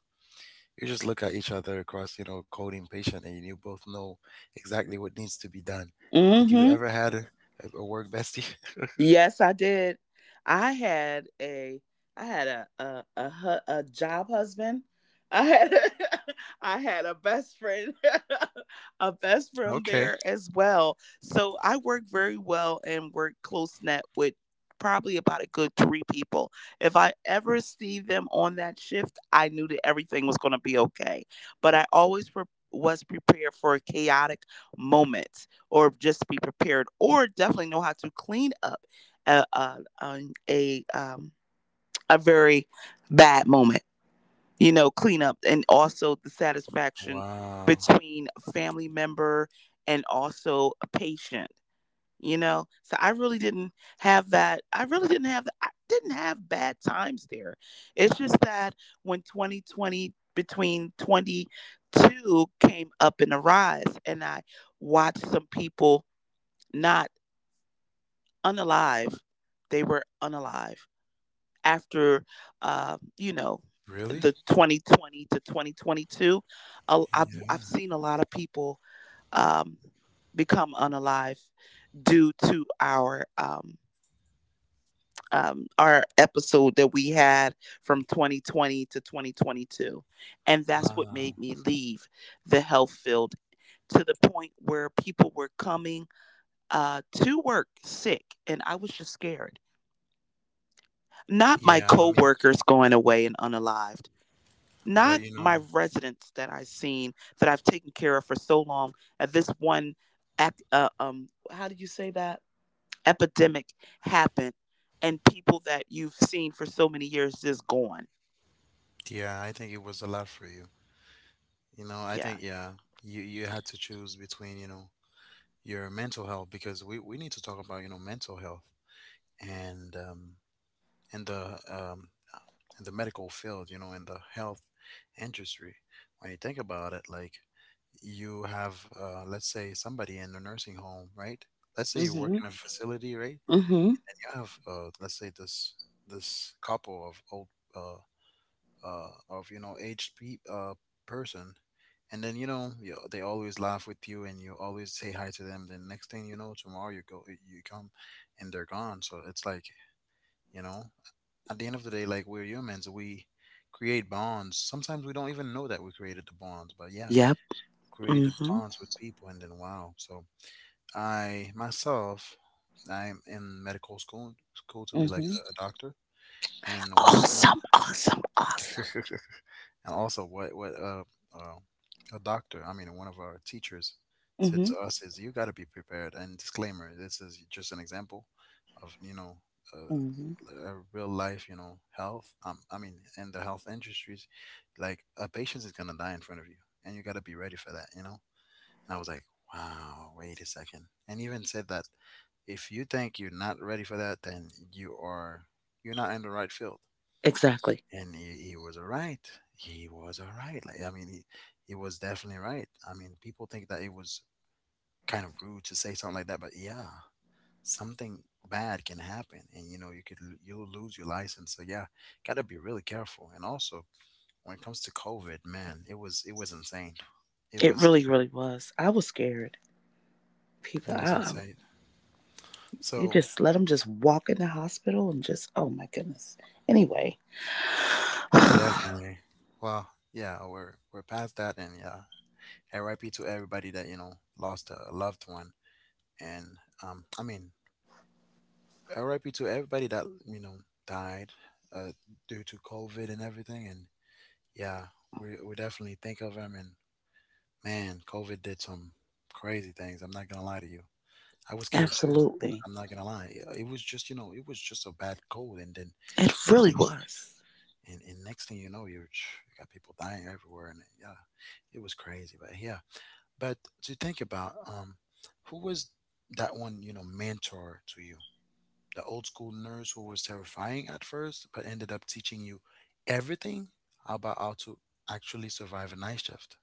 A: You just look at each other across cold impatient, and you both know exactly what needs to be done. Did you
B: Mm-hmm.
A: ever had a work bestie? <laughs>
B: Yes, I did. I had a, I had a job husband. I had a, <laughs> I had a best friend, <laughs> a best friend
A: Okay.
B: there as well. So I work very well and work close net with probably about a good three people. If I ever see them on that shift, I knew that everything was going to be okay. But I always was prepared for a chaotic moment, or just be prepared, or definitely know how to clean up a a, a um a very bad moment, you know, cleanup, and also the satisfaction
A: Wow.
B: between a family member and also a patient, you know. So I really didn't have that, I really didn't have I didn't have bad times there. It's just that when 2020 between 22 came up in a rise and I watched some people not unalive, they were unalive after, you know,
A: Really?
B: the 2020 to 2022, I've
A: Yeah.
B: seen a lot of people, um, become unalive due to our episode that we had from 2020 to 2022, and that's what made
A: Wow.
B: me leave the health field. To the point where people were coming, to work sick, and I was just scared. Not my
A: Yeah. I mean,
B: coworkers going away and unalived,
A: but
B: not my residents that I've seen that I've taken care of for so long. And this one, how do you say that? Epidemic happened, and people that you've seen for so many years just gone.
A: yeah, I think it was a lot for you. I
B: Yeah.
A: think yeah, you had to choose between your mental health because we need to talk about mental health and um and the um uh, and the medical field, in the health industry. When you think about it, like you have let's say somebody in a nursing home, right? Let's say you work
B: Mhm.
A: in a facility, right?
B: Mhm.
A: And you have let's say this couple of old uh of you know aged pe- person. And then they always laugh with you and you always say hi to them. Then next thing you know tomorrow you come and they're gone. So it's like you know at the end of the day, like we're humans. We create bonds. Sometimes we don't even know that we created the bonds, but yeah,
B: Yep.
A: created
B: Hmm.
A: bonds with people. And then wow. So I myself, I'm in medical school to be like a
B: Mhm.
A: doctor. And one
B: Awesome. Awesome. Awesome.
A: <laughs> and also, what uh, a doctor, I mean, one of our teachers said to
B: Mhm.
A: us is, "You got to be prepared." And disclaimer: this is just an example of
B: Mhm.
A: a real life, health. I mean, in the health industries, like a patient is gonna die in front of you, and you got to be ready for that, you know. And I was like, "Wow, wait a second." And he even said that if you think you're not ready for that, then you're not in the right field.
B: Exactly.
A: And he was all right. He was all right. Like I mean, he was definitely right. I mean, people think that it was kind of rude to say something like that, but yeah, something bad can happen, and you know, you could you lose your license. So yeah, gotta be really careful. And also, when it comes to COVID, man, it was insane. It
B: It
A: was
B: really, really was. I was scared. People,
A: insane.
B: you
A: So
B: just let them just walk in the hospital and just, oh my goodness. Anyway. <sighs>
A: definitely, well, yeah, we're past that, and yeah, R.I.P. to everybody that lost a loved one. And I mean, RIP to everybody that died uh, due to COVID and everything. And yeah, we definitely think of them. And man, COVID did some crazy things. I'm not gonna lie to you. I was scared too.
B: Absolutely.
A: I'm not gonna lie. Yeah, it was just it was just a bad cold. And then
B: It
A: next
B: really
A: thing you
B: was.
A: next thing you know you got people dying everywhere. And yeah, it was crazy. But yeah, but to think about who was that one mentor to you? The old school nurse who was terrifying at first, but ended up teaching you everything about how to actually survive a night shift.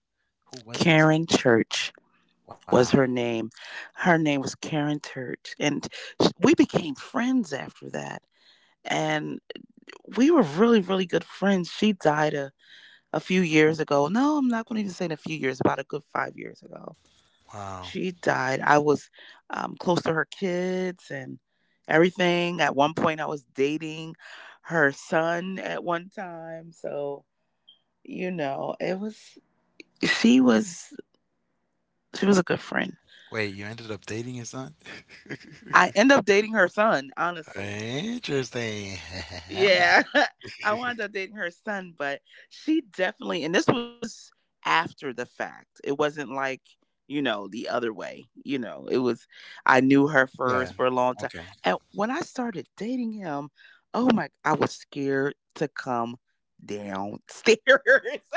A: Who was it?
B: Karen Church
A: Wow.
B: was her name. Her name was Karen Church. And we became friends after that. And we were really, really good friends. She died a few years ago. No, I'm not going to even say in a few years, about a good 5 years ago.
A: Wow.
B: She died. I was, close to her kids and everything. At one point, I was dating her son at one time. So, you know, it was, she was, she was a good friend.
A: Wait, you ended up dating his son?
B: I end
A: <laughs>
B: up dating her son, honestly.
A: Interesting.
B: Yeah. <laughs> I
A: <laughs>
B: wound up dating her son, but she definitely, and this was after the fact. It wasn't like, you know, the other way. You know, it was, I knew her
A: Yeah.
B: first for a long time.
A: Okay.
B: And when I started dating him, oh my, I was scared to come downstairs. <laughs>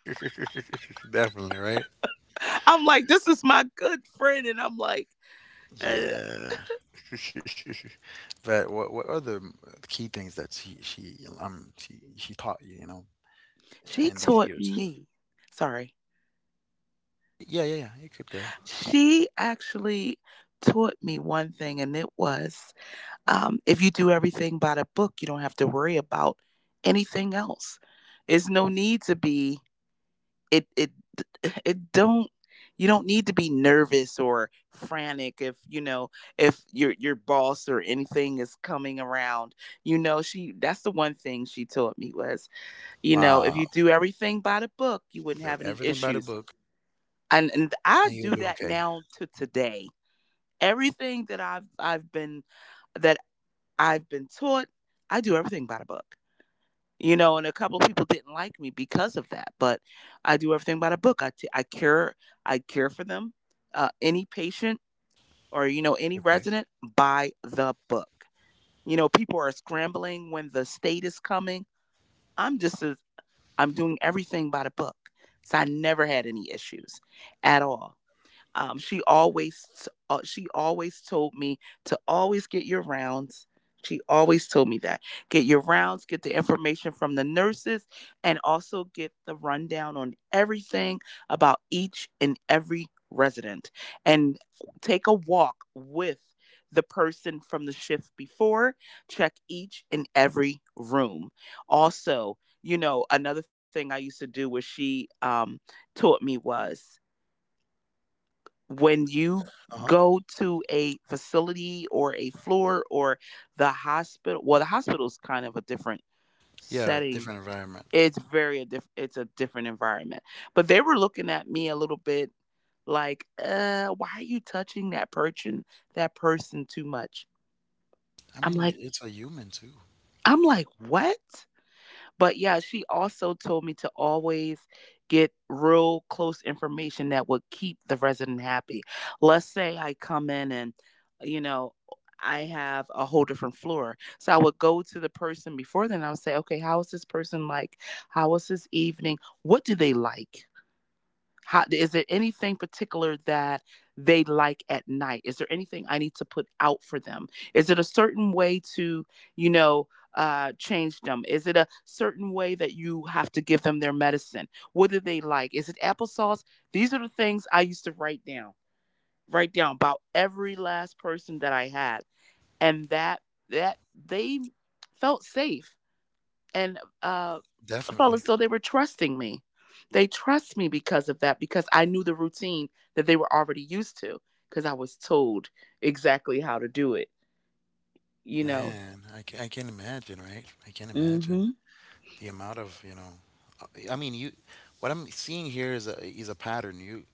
A: <laughs> Definitely, right?
B: I'm like, this is my good friend. And I'm like, uh,
A: Yeah. <laughs> But what are the key things that she taught you,
B: she
A: in these
B: taught
A: years?
B: me. Sorry.
A: Yeah, yeah, yeah, you could go.
B: She actually taught me one thing, and it was, if you do everything by the book, you don't have to worry about anything else. There's no need to be it. It <sighs> it don't. You don't need to be nervous or frantic if you know if your boss or anything is coming around. You know, she, that's the one thing she taught me was, you know, if
A: Wow,
B: you do everything by the book, you wouldn't
A: do
B: have any
A: everything by the
B: issues.
A: book,
B: And
A: and
B: I
A: you'll be
B: do that
A: okay.
B: now to today, everything that I've been, that I've been taught, I do everything by the book. You know, and a couple of people didn't like me because of that, but I do everything by the book. I care for them, any patient or, you know, any
A: Okay.
B: resident, by the book. You know, people are scrambling when the state is coming. I'm just as I'm doing everything by the book, so I never had any issues at all. Um, she always told me to always get your rounds. She always told me that get your rounds, get the information from the nurses, and also get the rundown on everything about each and every resident, and take a walk with the person from the shift before. Check each and every room. Also, you know, another thing I used to do was she taught me was when you
A: Uh-huh.
B: go to a facility or a floor or the hospital, well, the hospital is kind of a different
A: Yeah,
B: setting.
A: different environment.
B: It's it's a different environment, but they were looking at me a little bit like, uh, why are you touching that person, that person too much.
A: I
B: i'm
A: mean,
B: like
A: it's a human too.
B: I'm like what. But yeah, she also told me to always get real close information that would keep the resident happy. Let's say I come in and, you know, I have a whole different floor. So I would go to the person before then. I would say, okay, how is this person like? How was this evening? What do they like? How is there anything particular that they like at night? Is there anything I need to put out for them? Is it a certain way to, you know, uh, change them? Is it a certain way that you have to give them their medicine? What do they like? Is it applesauce? These are the things I used to write down about every last person that I had. And that they felt safe and
A: Definitely.
B: fellas, so they were trusting me, they trust me because of that because I knew the routine that they were already used to because I was told exactly how to do it, you know.
A: Man, I can imagine, right? I can
B: Mm-hmm.
A: imagine the amount of, you know, I mean, what I'm seeing here is a pattern. You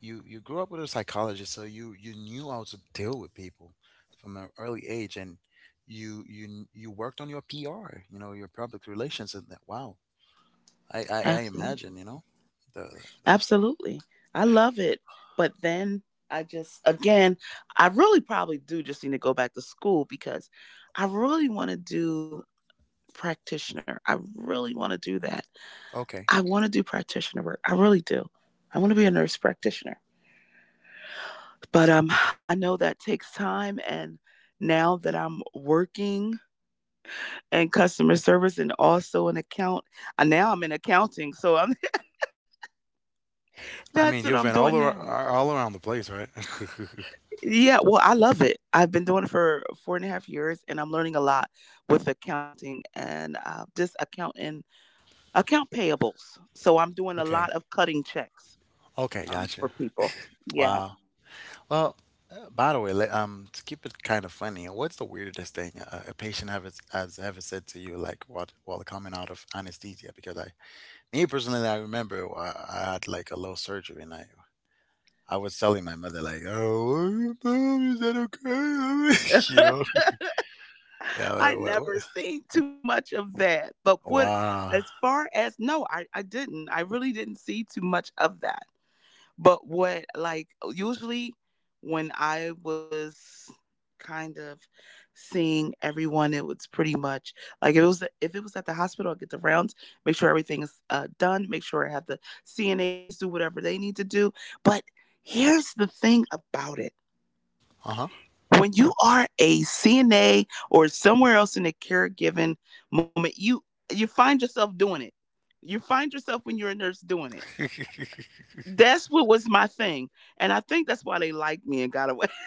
A: you you grew up with a psychologist, so you knew how to deal with people from an early age, and you worked on your PR, your public relations, and that. Wow, I
B: Absolutely,
A: imagine, the,
B: absolutely. I love it. But then I just again, I really probably do just need to go back to school because I really want to do practitioner, I really want to do that.
A: okay.
B: I want to do practitioner work, I really do. I want to be a nurse practitioner. But I know that takes time. And now that I'm working in customer service and also an account, now I'm in accounting. So I'm, <laughs>
A: I
B: that's
A: mean,
B: what
A: you've
B: I'm
A: been all
B: doing now.
A: all around the place, right?
B: Yeah, well, I love it. I've been doing it for 4.5 years, and I'm learning a lot with accounting and, just accounting, account payables. So I'm doing
A: <laughs>
B: a lot
A: Okay,
B: of cutting checks,
A: okay, gotcha.
B: for people. Yeah.
A: Wow. Well, by the way, to keep it kind of funny, what's the weirdest thing a patient ever has ever said to you, like what while coming out of anesthesia? Because me personally, I remember I had like a low surgery, and I. I was telling my mother like, "Oh, mom, is that okay?" <laughs> you know?
B: <laughs>
A: Yeah.
B: I
A: What,
B: never seen too much of that. But what,
A: wow.
B: as far as no, I didn't. I really didn't see too much of that. But what, like, usually when I was kind of seeing everyone, it was pretty much like if it was at the hospital. I get the rounds, make sure everything is done, make sure I have the CNAs do whatever they need to do. But here's the thing about it:
A: Uh huh.
B: when you are a CNA or somewhere else in the caregiving moment, you find yourself doing it. You find yourself when you're a nurse doing it.
A: <laughs>
B: That's what was my thing. And I think that's why they liked me and got away.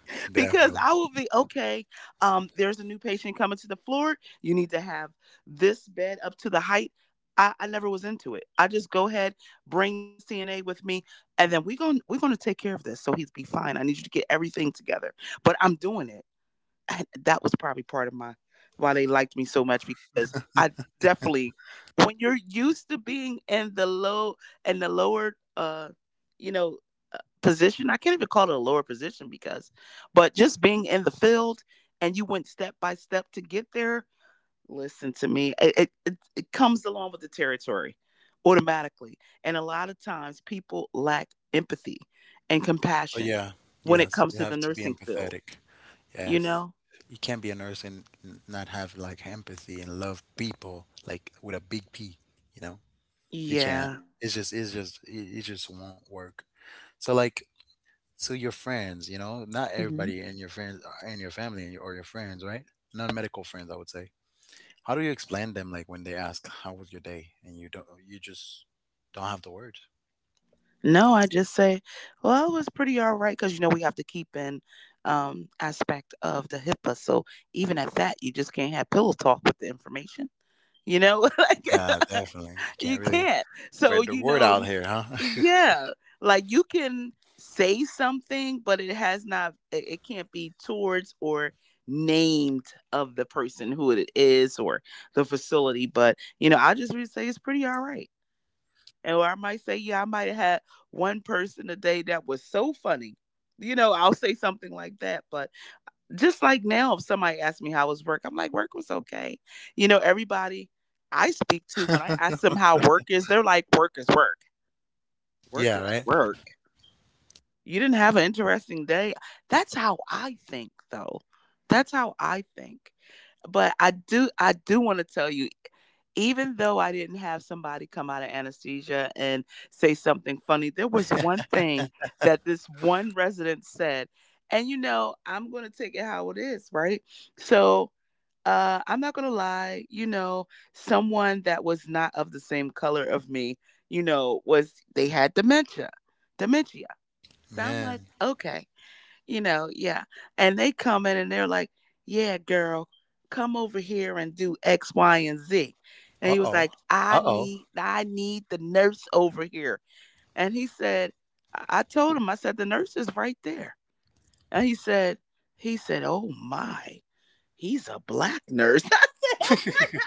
B: <laughs> Because
A: Definitely.
B: I will be, okay, there's a new patient coming to the floor. You need to have this bed up to the height. I never was into it. I just go ahead, bring the CNA with me, and then we're gonna take care of this. So he's be fine. I need you to get everything together. But I'm doing it. <laughs> That was probably part of my why they liked me so much, because I definitely, when you're used to being in the low, in the lower you know uh, position. I can't even call it a lower position, because but just being in the field, and you went step by step to get there. Listen to me, it comes along with the territory automatically. And a lot of times people lack empathy and
A: But
B: compassion
A: yeah,
B: when it
A: yes,
B: comes
A: you
B: to the
A: have to be
B: nursing field,
A: empathetic.
B: you
A: Yes.
B: know?
A: You can't be a nurse and not have like empathy and love people like with a big P, you know? You can't.
B: Yeah.
A: It just won't work. So your friends, you know, not
B: Hmm.
A: everybody and your friends and your family and your friends, right? Non-medical friends, I would say. How do you explain them like when they ask how was your day and you don't you just don't have the words?
B: No, I just say, well, it was pretty all right, because you know we have to keep in aspect of the HIPAA. So even at that, you just can't have pillow talk with the information. You know, <laughs> like
A: Yeah, definitely.
B: <laughs> you
A: Can't really
B: can't. So
A: spread the
B: you
A: word
B: know,
A: out
B: you-
A: here, huh?
B: yeah, like you can say something, but it has not. It can't be towards or named of the person who it is or the facility. But you know, I just would say it's pretty all right. And or I might say, yeah, I might have had one person a day that was so funny. You know, I'll say something like that. But just like now, if somebody asks me how was work, I'm like, work was okay. You know, everybody I speak to when I ask
A: <laughs>
B: them how work is, they're like, work is work. Work
A: Yeah,
B: is
A: right?
B: work. You didn't have an interesting day. That's how I think, though. That's how I think. But I do want to tell you, even though I didn't have somebody come out of anesthesia and say something funny, there was one thing that this one resident said. And you know, I'm going to take it how it is, right? So, I'm not going to lie, you know, someone that was not of the same color of me, you know, was they had dementia. Dementia, so I'm like,
A: Man.
B: okay, you know, yeah. And they come in and they're like, yeah, girl, come over here and do X, Y, and Z. And he was
A: Uh-oh.
B: like, I
A: Uh-oh.
B: need, I need the nurse over here. And he said, I told him, I said, the nurse is right there. And he said, oh my, he's a black nurse. <laughs> I said,
A: <laughs>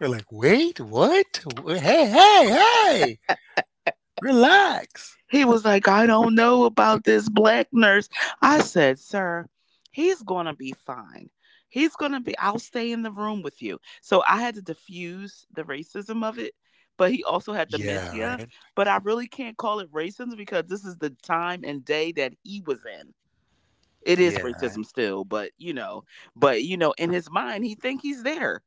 A: You're like, wait, what? Hey, hey, hey, relax.
B: he was like, I don't know about this black nurse. I said, sir, he's going to be fine. He's going to be, I'll stay in the room with you. So I had to diffuse the racism of it, but he also had
A: Yeah,
B: dementia.
A: right?
B: But I really can't call it racism, because this is the time and day that he was in. It is
A: Yeah, right?
B: racism still, but you know, but you know, in his mind he think he's there,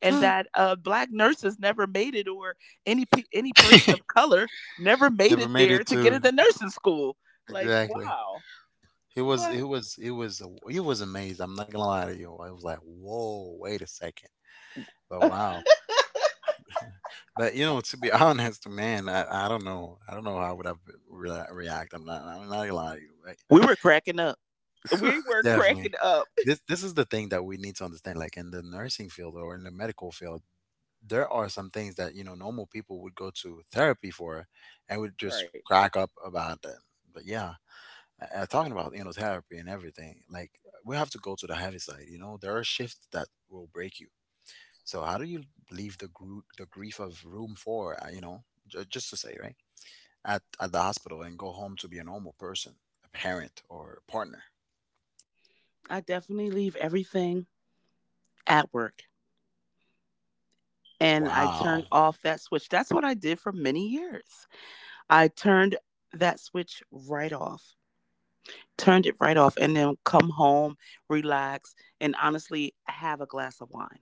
B: and
A: Hmm.
B: that black nurses never made it, or any person
A: <laughs>
B: of color never made
A: Never
B: it
A: made it
B: there to get
A: to
B: into nursing school. Like,
A: exactly.
B: wow. What?
A: It was amazing. I'm not gonna lie to you. I was like, whoa, wait a second. But wow. But to be <laughs> honest, man, I don't know. I don't know how would I react. I'm not. I'm not gonna lie to you. Like,
B: we were cracking up we were cracking
A: definitely,
B: up
A: this is the thing that we need to understand. Like in the nursing field or in the medical field, there are some things that normal people would go to therapy for, and would just
B: Right.
A: crack up about them. But yeah, talking about therapy and everything, like we have to go to the heavy side. You know, there are shifts that will break you. So how do you leave the grief of room for? You know, just to say, right? At the hospital and go home to be a normal person, a parent or a partner.
B: I definitely leave everything at work, and I turn
A: Wow.
B: off that switch. That's what I did for many years. I turned that switch right off, turned it right off, and then come home, relax, and honestly have a glass of wine.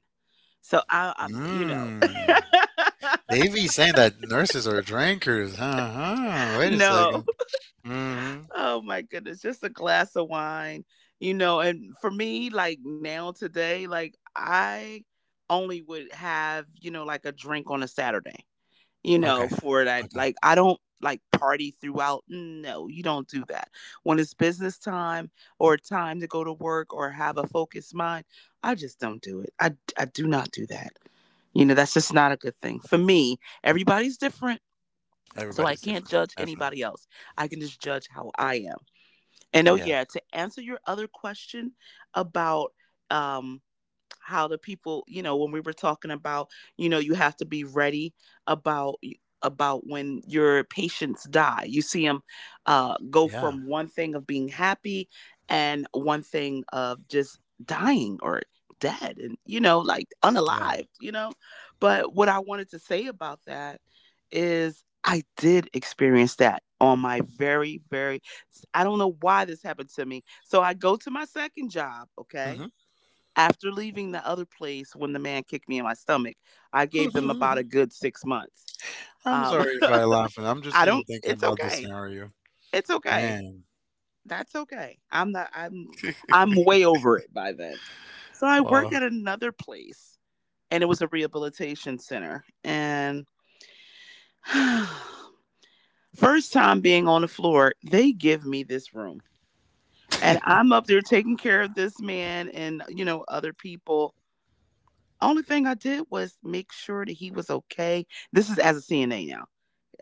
B: So I, I'm, you know,
A: Mm.
B: <laughs>
A: They be saying that nurses are drinkers. Huh? Huh. Wait a
B: no,
A: second. Mm-hmm.
B: oh my goodness, just a glass of wine, you know. And for me, like now today, like I only would have, you know, like a drink on a Saturday, you know,
A: Okay.
B: for that.
A: Okay.
B: Like, I don't like party throughout. No, you don't do that. When it's business time or time to go to work or have a focused mind, I just don't do it. I do not do that. You know, that's just not a good thing for me. Everybody's different. So I
A: Everybody's
B: can't
A: different.
B: judge
A: Definitely.
B: anybody else. I can just judge how I am. And oh
A: Yeah.
B: yeah, to answer your other question about um how the people, you know, when we were talking about, you know, you have to be ready about when your patients die, you see them go
A: Yeah.
B: from one thing of being happy and one thing of just dying or dead, and you know, like
A: Yeah.
B: unalive, you know. But what I wanted to say about that is I did experience that on my very I don't know why this happened to me. So I go to my second job, okay,
A: Hmm.
B: after leaving the other place when the man kicked me in my stomach. I gave them about a
A: <laughs>
B: good 6 months.
A: I'm
B: Um,
A: sorry if I laugh. I'm
B: <laughs>
A: just,
B: I don't,
A: thinking
B: it's
A: about this
B: okay.
A: scenario.
B: It's okay.
A: Man.
B: That's okay. I'm not, I'm way over it by then. So I work
A: Well,
B: at another place, and it was a rehabilitation center. And <sighs> first time being on the floor, they give me this room. And I'm up there taking care of this man and, you know, other people. Only thing I did was make sure that he was okay. This is as a CNA now.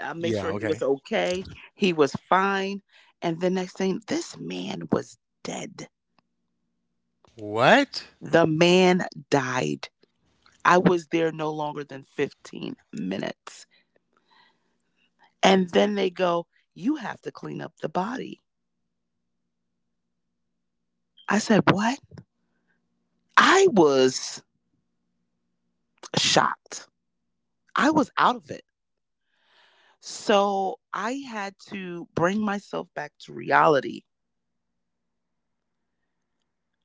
B: I make
A: yeah.
B: sure he was
A: Okay.
B: okay. He was fine. And the next thing, this man was dead.
A: What?
B: The man died. I was there no longer than 15 minutes. And then they go, you have to clean up the body. I said, what? I was shocked. I was out of it. So I had to bring myself back to reality.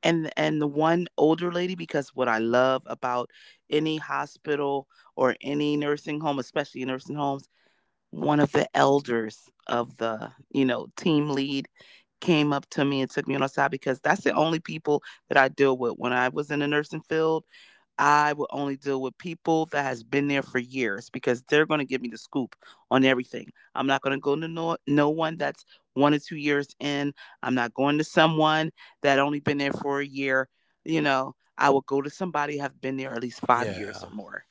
B: And the one older lady, because what I love about any hospital or any nursing home, especially nursing homes, one of the elders of the, you know, team lead came up to me and took me on the side, because that's the only people that I deal with when I was in the nursing field. I will only deal with people that has been there for years, because they're going to give me the scoop on everything. I'm not going to go to no one that's 1 or 2 years in. I'm not going to someone that only been there for a year. You know, I will go to somebody have been there at least 5 years or
A: Yeah.
B: more.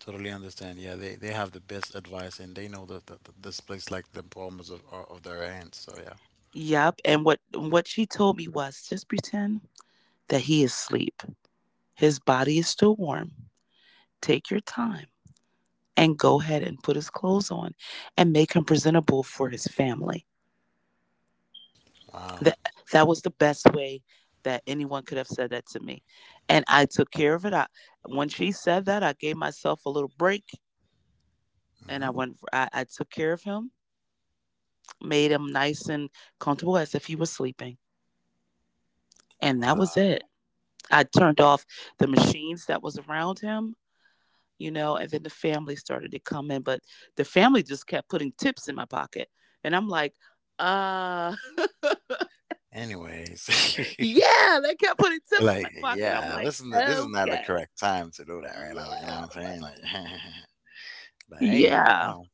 A: Totally understand. Yeah, they have the best advice and they know that this place like the palms of, of their hands. So yeah.
B: Yep. And what she told me was just pretend that he is asleep. His body is still warm. Take your time and go ahead and put his clothes on and make him presentable for his family.
A: Wow.
B: That that was the best way that anyone could have said that to me. And I took care of it. I, when she said that, I gave myself a little break, and I
A: Hmm.
B: went for, I took care of him, made him nice and comfortable as if he was sleeping, and that was
A: Wow.
B: it. I turned off the machines that was around him, you know, and then the family started to come in, but the family just kept putting tips in my pocket, and I'm like, uh <laughs>
A: Anyways,
B: yeah, they kept putting
A: <laughs> you're
B: tips in
A: like
B: my pocket. I'm
A: yeah,
B: like,
A: this is not the
B: okay.
A: correct time to do that right now. You know
B: Yeah.
A: what I'm saying? Like, <laughs> but hey,
B: Yeah.
A: wow.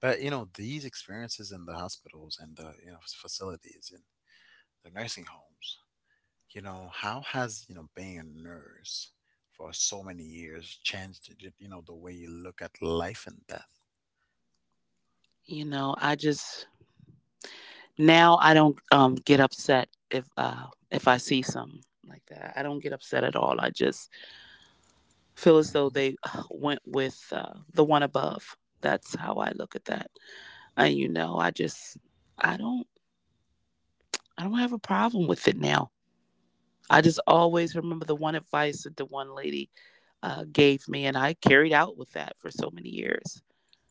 A: But these experiences in the hospitals and the facilities and the nursing homes. How has being a nurse for so many years changed the way you look at life and death?
B: You know, I just now I don't get upset if I see something like that. I don't get upset at all. I just feel as though
A: Mhm.
B: they went with the one above. That's how I look at that. And you know, I just I don't I don't have a problem with it now. I just always remember the one advice that the one lady gave me, and I carried out with that for so many years.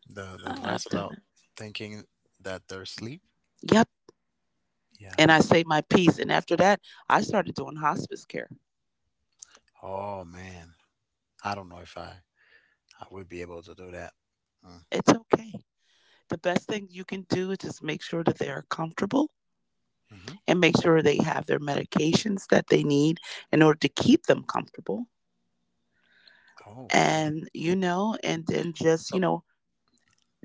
A: The
B: I-
A: advice
B: I've done
A: about
B: it.
A: thinking that they're asleep.
B: Yep.
A: Yeah.
B: And I say my piece. And after that, I started doing hospice care.
A: Oh man, I don't know if I would be able to do that. Mm.
B: It's okay. The best thing you can do is just make sure that they are comfortable
A: Mm-hmm.
B: and make sure they have their medications that they need in order to keep them comfortable.
A: Oh, okay.
B: And, you know, and then just,
A: So,
B: you know,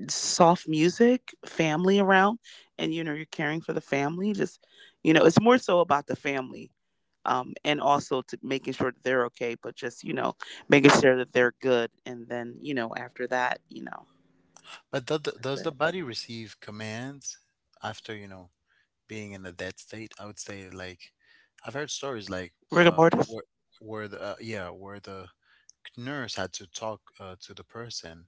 B: soft music, family around, and, you know, you're caring for the family. Just, you know, it's more so about the family. And also to making sure that they're okay, but just, you know, making sure that they're good. And then, you know, after that, you know.
A: does
B: That's
A: the
B: it.
A: body receive commands after being in a dead state? I would say like I've heard stories like
B: Rigor
A: uh
B: mortis?
A: where where the nurse had to talk to the person,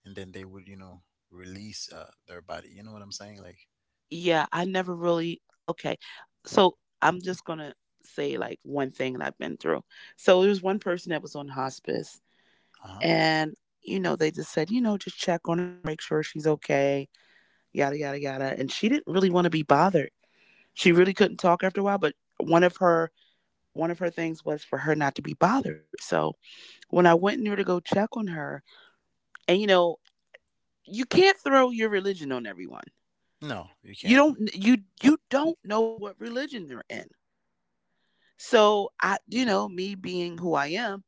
A: and then they would release their body. You know what I'm saying? Like.
B: Yeah, I never really. Okay. So I'm just going to say like one thing that I've been through. So there was one person that was on hospice,
A: Uh huh.
B: and, you know, they just said, you know, just check on her, make sure she's okay, yada, yada, yada. And she didn't really want to be bothered. She really couldn't talk after a while, but one of her. One of her things was for her not to be bothered. So when I went in there to go check on her, and you know, you can't throw your religion on everyone.
A: No, you
B: you
A: can't.
B: don't you you don't know what religion they're in. So I you know, me being who I am,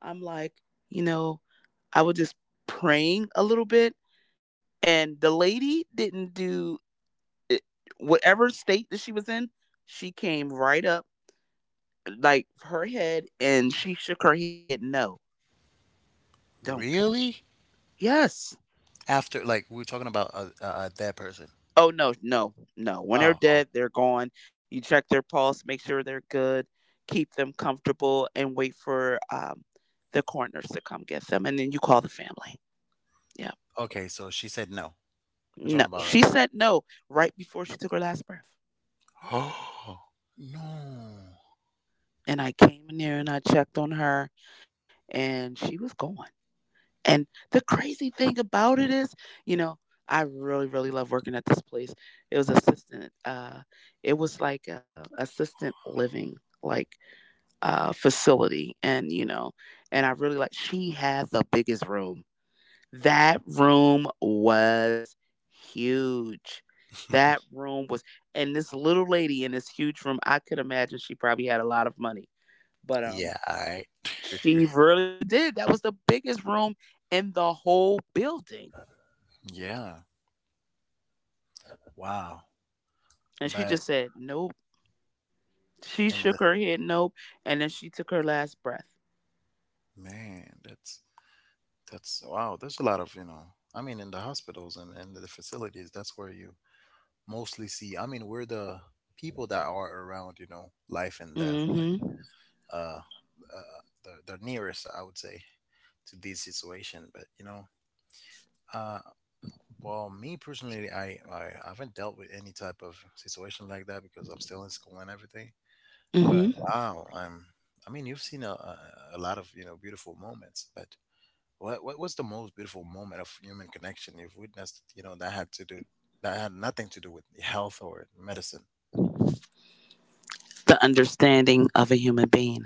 B: I'm like, you know, I was just praying a little bit, and the lady didn't do it, whatever state that she was in, she came right up like her head, and she shook her head no. Don't.
A: Really?
B: Yes.
A: After like we were talking about a person.
B: Oh, no, no, no. When they're
A: Oh, oh,
B: dead, they're gone. You check their pulse, make sure they're good, keep them comfortable, and wait for the coroners to come get them, and then you call the family. Yeah.
A: okay. So she said no. We're
B: No,
A: talking about
B: she said no right before she took her last breath,
A: <gasps> oh no.
B: and I came in there and I checked on her, and she was gone. And the crazy thing about it is, you know, I really, really love working at this place. It was assistant. It was like assistant living, like. Facility, and you know, and I really like. She had the biggest room. That room was huge. That
A: <laughs>
B: room was, and this little lady in this huge room. I could imagine she probably had a lot of money, but
A: Yeah, all right.
B: she really did. That was the biggest room in the whole building,
A: Yeah. Wow.
B: and she
A: But
B: just said nope. She
A: and
B: shook
A: the,
B: her head nope, and then she took her last breath.
A: man, that's wow. There's a lot of. I mean, in the hospitals and the facilities, that's where you mostly see. I mean, we're the people that are around, life and death,
B: Mm-hmm.
A: like the nearest, I would say, to this situation. But Uh, well, me personally, I haven't dealt with any type of situation like that because I'm still in school and everything. But
B: Mm-hmm.
A: wow, I'm, you've seen a lot of, beautiful moments, but what was the most beautiful moment of human connection you've witnessed, that had nothing to do with health or medicine?
B: The understanding of a human being.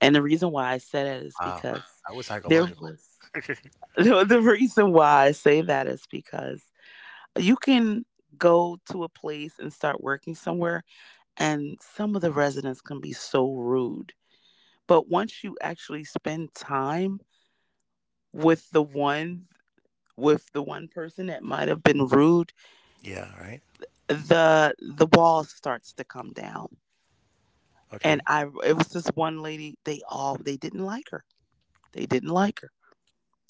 B: And the reason why I said it is
A: Wow.
B: because
A: I was
B: there
A: psychological.
B: was <laughs> the reason why I say that is because you can go to a place and start working somewhere, and some of the residents can be so rude. But once you actually spend time with the one with the one person that might have been rude,
A: Yeah, right?
B: the wall starts to come down. And
A: Okay.
B: I it was this one lady, they all they didn't like her. They didn't like her.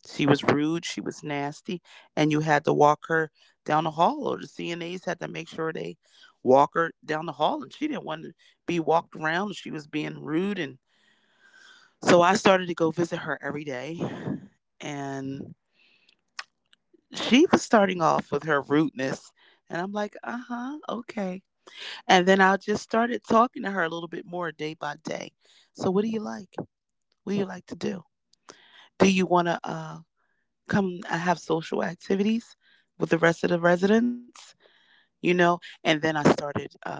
B: She was rude, she was nasty, and you had to walk her down the hall, or the CNAs had to make sure they walk her down the hall, and she didn't want to be walked around. She was being rude, and so I started to go visit her every day, and she was starting off with her rudeness, and I'm like, uh huh, okay, and then I just started talking to her a little bit more day by day. So, what do you like? What do you like to do? Do you want to? Come, I have social activities with the rest of the residents, you know, and then I started uh,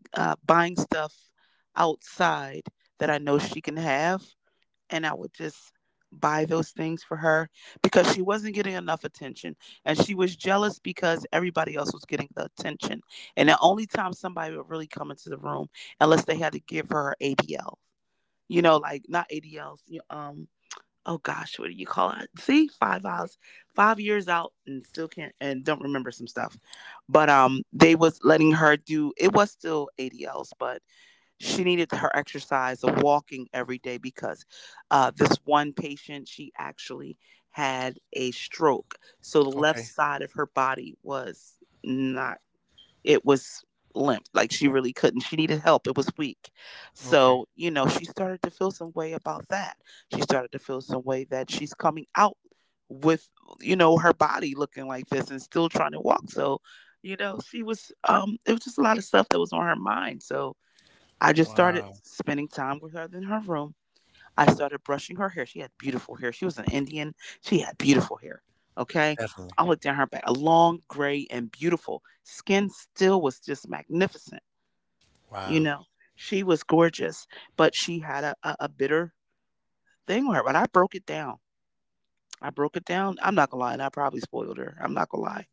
B: uh, buying stuff outside that I know she can have, and I would just buy those things for her because she wasn't getting enough attention, and she was jealous because everybody else was getting the attention, and the only time somebody would really come into the room unless they had to give her ADL, you know, like not ADLs. Oh gosh, what do you call it? See, 5 hours, 5 years out, and still can't and don't remember some stuff. But they was letting her do. It was still ADLs, but she needed her exercise of walking every day because this one patient, she actually had a stroke, so the left
A: Okay.
B: side of her body was not it was limp, like she really couldn't, she needed help, it was weak.
A: Okay.
B: So, you know, she started to feel some way about that. She started to feel some way that she's coming out with, you know, her body looking like this and still trying to walk. So, you know, she was it was just a lot of stuff that was on her mind. So I just started
A: Wow.
B: spending time with her in her room. I started brushing her hair. She had beautiful hair. She was an Indian. She had beautiful hair. Okay.
A: Definitely.
B: I looked down her back, a long, gray, and beautiful. Skin still was just magnificent. You
A: Wow.
B: know, she was gorgeous, but she had a bitter thing with her. But I broke it down. I broke it down. I'm not going to lie. And I probably spoiled her. I'm not going to lie.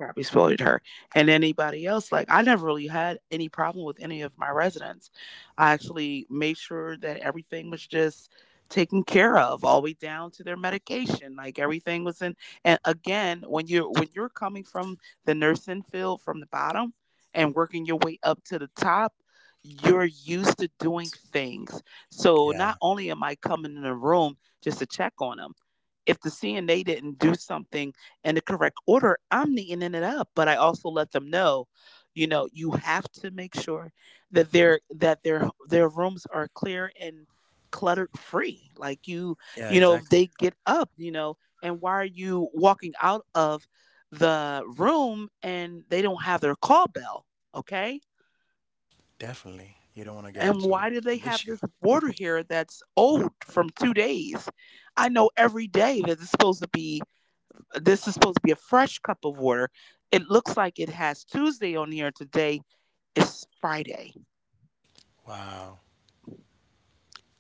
B: I respected her and anybody else. Like I never really had any problem with any of my residents. I actually made sure that everything was just taken care of all the way down to their medication, like everything was in. And again, when you're coming from the nursing field from the bottom and working your way up to the top, you're used to doing things. So not
A: Yeah.
B: only am I coming in a room just to check on them, if the CNA didn't do something in the correct order, I'm neatening it up. But I also let them know, you have to make sure that their their rooms are clear and cluttered free. Like you,
A: Yeah,
B: you know, if
A: exactly.
B: they get up, you know, and why are you walking out of the room and they don't have their call bell? Okay.
A: Definitely. You don't want to get
B: And
A: into
B: why do they
A: an
B: have
A: issue.
B: this water here that's old from 2 days? I know every day that it's supposed to be this is supposed to be a fresh cup of water. It looks like it has Tuesday on here. Today is Friday,
A: Wow.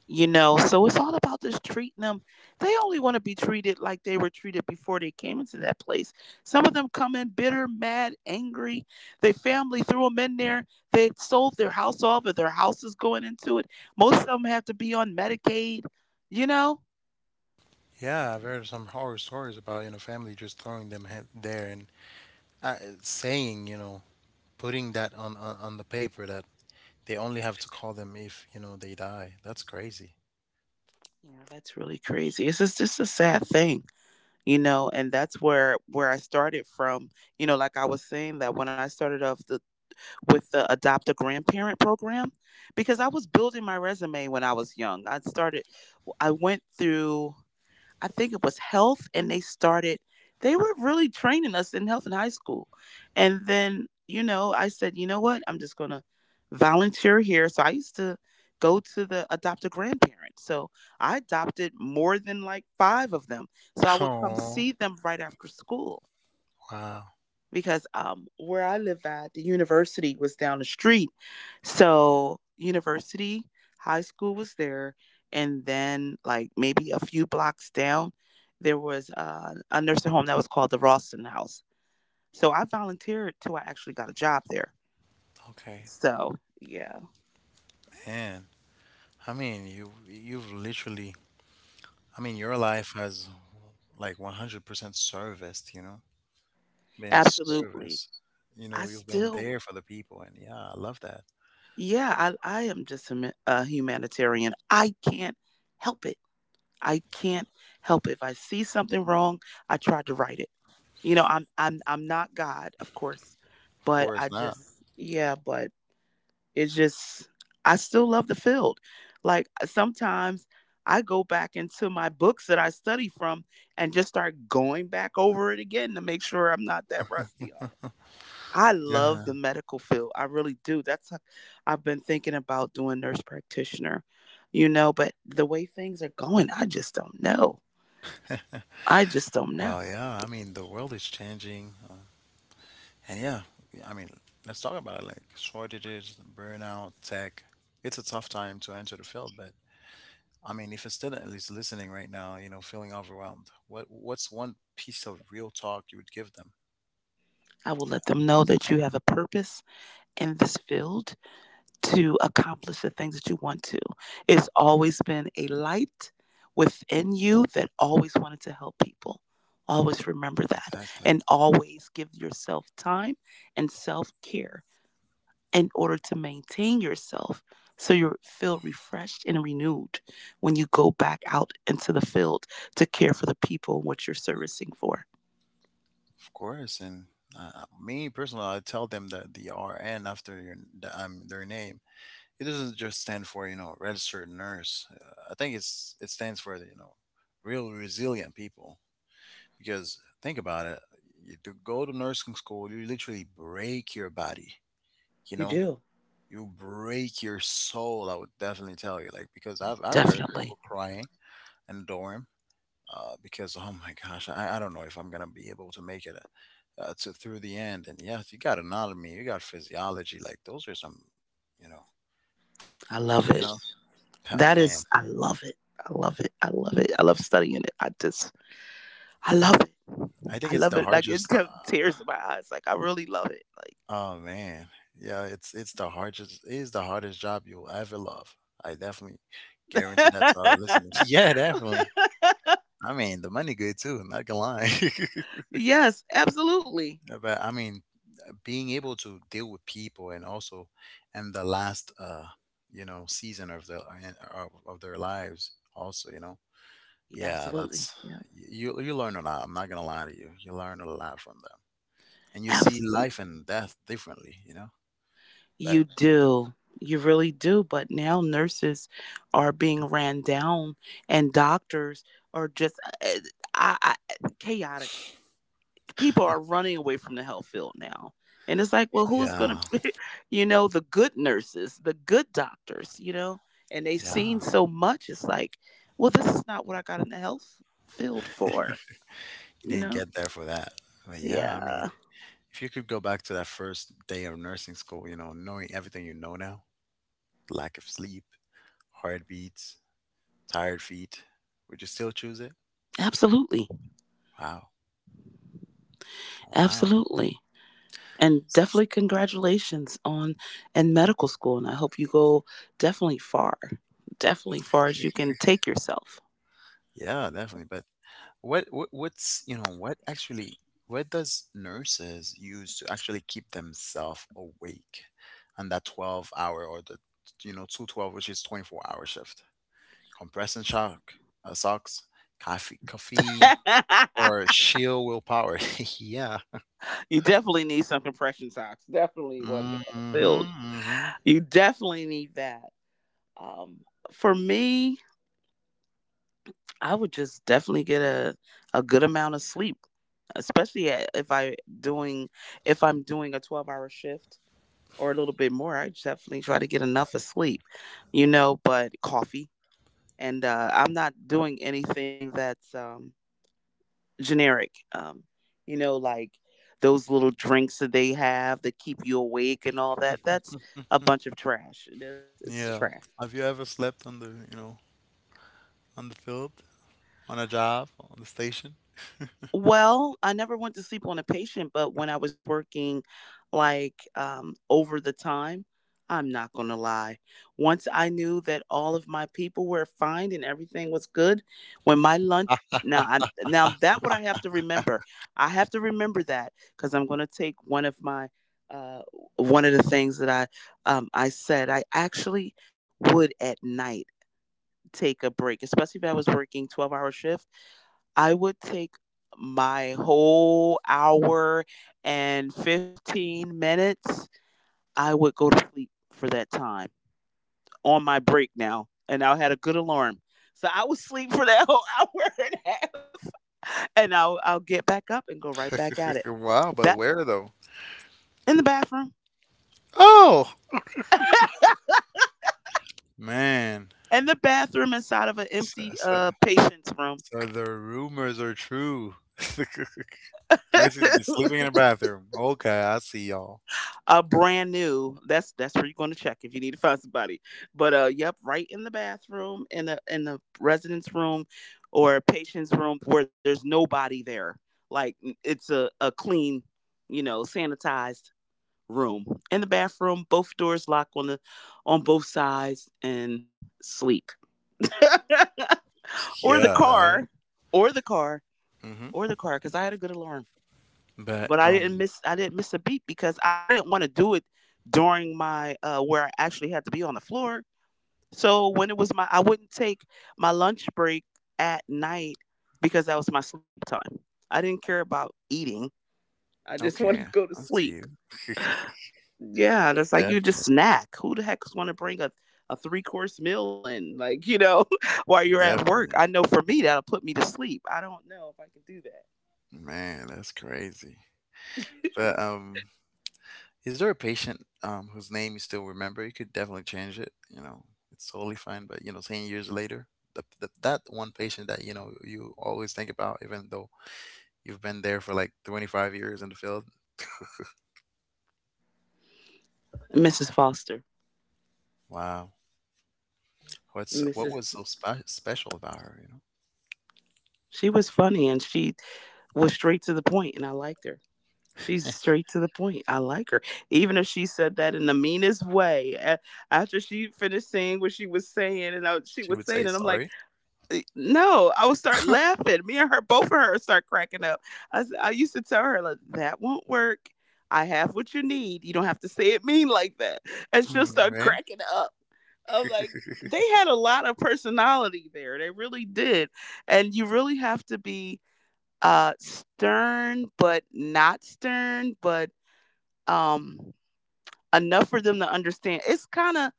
B: you know. So it's all about just treating them. They only want to be treated like they were treated before they came into that place. Some of them come in bitter, mad, angry. Their family threw them in there. They sold their house off, or their house is going into it. Most of them have to be on Medicaid, you know.
A: Yeah, I've heard some horror stories about, family just throwing them there and uh, saying, putting that on, on the paper that they only have to call them if, they die. That's crazy. <laughs>
B: Yeah, that's really crazy. It's just a sad thing, you know. And that's where I started from, you know, like I was saying, that when I started off the, with the adopt a grandparent program, because I was building my resume when I was young. I started, I went through, I think it was health, and they started, they were really training us in health in high school. And then, you know, I said, you know what? I'm just going to volunteer here. So I used to go to the adopt a grandparent. So I adopted more than like five of them. So I would come
A: Oh,
B: see them right after school
A: wow.
B: because where I live at, the university was down the street. So university, high school was there, and then like maybe a few blocks down, there was a nursing home that was called the Ralston House. So I volunteered till I actually got a job there.
A: Okay,
B: So yeah,
A: man. I mean, you you've literally, I mean, your life has like 100% serviced, been
B: absolutely.
A: service. You
B: I
A: know, you've been
B: still,
A: there for the people, and yeah, I love that.
B: yeah, I am just a, a humanitarian. I can't help it. I can't help it. If I see something wrong, I try to right it. You know, I'm not God, of course,
A: Of
B: but I
A: course not.
B: just yeah, but it's just I still love the field. Like sometimes I go back into my books that I study from and just start going back over it again to make sure I'm not that rusty on it. I love the
A: Yeah.
B: medical field. I really do. That's I I've been thinking about doing nurse practitioner, you know, but the way things are going, I just don't know. I just don't know.
A: Well, yeah, I mean, the world is changing. And yeah, I mean, let's talk about it like shortages, burnout, tech. It's a tough time to enter the field, but I mean, if a student is listening right now, you know, feeling overwhelmed, what's one piece of real talk you would give them?
B: I will let them know that you have a purpose in this field to accomplish the things that you want to. It's always been a light within you that always wanted to help people. Always remember that, and
A: Exactly.
B: always give yourself time and self care in order to maintain yourself, so you feel refreshed and renewed when you go back out into the field to care for the people and what you're servicing for.
A: Of course, and me personally, I tell them that the RN after their name, it doesn't just stand for registered nurse. I think it stands for real resilient people. Because think about it, you to go to nursing school you literally break your body, you know you break your soul. I would definitely tell you like because I've heard people
B: Definitely.
A: crying in the dorm, because oh my gosh, I don't know if I'm gonna be able to make it to through the end. And yes, you got anatomy, you got physiology. Like those are some, you know
B: I
A: you
B: love
A: know
B: it.
A: <laughs>
B: That
A: man,
B: is, I love it. I love it. I love it. I love studying it. I just, I love it.
A: I think
B: I
A: it's the
B: love it. Like
A: hardest
B: it comes tears in my eyes. Like I really love it.
A: oh man, yeah, it's the hardest, it is the hardest job you'll ever love. I definitely guarantee that to our
B: Like
A: listeners. <laughs> Yeah, definitely.
B: <laughs>
A: I mean, the money good too. I'm not gonna lie,
B: Yes, absolutely.
A: <laughs> but I mean, being able to deal with people and also in the last season of the of their lives also, yeah,
B: Absolutely.
A: that's,
B: Yeah.
A: you learn a lot. I'm not gonna lie to you. You learn a lot from them, and you see
B: Absolutely.
A: life and death differently. You know, but
B: You do. You really do. But now nurses are being ran down and doctors are just eh, I, chaotic. People are running away from the health field now. And it's like, well, who's
A: yeah,
B: going to, <laughs> you know, the good nurses, the good doctors, you know, and they've
A: yeah.
B: seen so much. It's like, well, this is not what I got in the health field for,
A: You
B: you
A: didn't
B: know?
A: get there for that. But yeah, I mean,
B: Yeah,
A: if you could go back to that first day of nursing school, you know, knowing everything you know now, lack of sleep, heartbeats, tired feet, would you still choose it?
B: absolutely.
A: Wow. Wow.
B: Absolutely. And definitely congratulations on in medical school, and I hope you go definitely far. Definitely far as you can take yourself.
A: Yeah, definitely. But what, what what's, you know, what actually what does nurses use to actually keep themselves awake on that 12 hour or the you know, 212 which is 24-hour shift? Compression shock, socks, coffee, caffeine,
B: <laughs>
A: or sheer willpower. <laughs> Yeah.
B: You definitely need some compression socks. Definitely working on the
A: Mhm,
B: field.
A: mhm.
B: You definitely need that. Um for me, I would just definitely get a good amount of sleep, especially if I'm doing a 12-hour shift. Or a little bit more. I definitely try to get enough of sleep, but coffee. And I'm not doing anything that's generic, like those little drinks that they have that keep you awake and all that. That's a bunch of trash. That's it's
A: Yeah.
B: trash.
A: Have you ever slept on the, you know, on the field, on a job, on the station?
B: Well, I never went to sleep on a patient, but when I was working like over the time, I'm not going to lie. Once I knew that all of my people were fine and everything was good, when my lunch now I now that what I have to remember. I have to remember that because I'm going to take uh, one of the things that I said I actually would at night take a break, especially if I was working 12-hour hour shift. I would take my whole hour and 15 minutes. I would go to sleep for that time on my break now. And I had a good alarm. So I would sleep for that whole hour <laughs> and a half. And I'll get back up and go right back at it.
A: <laughs> Wow, but
B: That
A: where though?
B: in the bathroom.
A: Oh, man.
B: And the bathroom inside of an
A: So,
B: empty
A: so,
B: patient's room.
A: so the rumors are true. <laughs> Nurses be
B: <laughs>
A: sleeping in the bathroom. Okay, I see y'all.
B: a brand new that's where you're going to check if you need to find somebody, but yep, right in the bathroom, in the residence room or patient's room where there's nobody there, like it's a clean, sanitized room. In the bathroom both doors lock on the on both sides and sleep. <laughs> or the
A: Yeah, right?
B: car or the car
A: Mm-hmm.
B: or the car, because I had a good alarm.
A: But,
B: But I didn't miss I didn't miss a beat, because I didn't want to do it during my where I actually had to be on the floor. So when it was my I wouldn't take my lunch break at night, because that was my sleep time. I didn't care about eating. I just <laughs> wanted
A: okay,
B: to go to
A: I see
B: sleep.
A: you. <laughs>
B: Yeah, that's like you
A: Definitely,
B: just snack. Who the heck is going to bring a three course meal in, like <laughs> while you're at work?
A: definitely.
B: I know for me that'll put me to sleep. I don't know if I can do that.
A: Man, that's crazy. But, is there a patient whose name you still remember? You could definitely change it. You know, it's totally fine. But you know, 10 years later, that one patient that you know you always think about, even though you've been there for like 25 years in the field.
B: Mrs. Foster.
A: Wow, what
B: Mrs.
A: was so special about her? You
B: She was funny, and she was straight to the point, and I liked her.
A: know,
B: She's straight to the point. I like her. Even if she said that in the meanest way, after she finished saying what she was saying, and
A: <laughs>
B: she
A: she
B: was
A: would say
B: saying it, I'm like,
A: sorry.
B: Eh, no, I would start laughing. Me and her, both of her start cracking up. I used to tell her, like, that won't work. I have what you need. You don't have to say it mean like that. And she'll
A: Hmm,
B: start
A: right?
B: cracking up. I'm like, they
A: <laughs>
B: had a lot of personality there. They really did. And you really have to be stern, but not stern, but um enough for them to understand. It's kind of,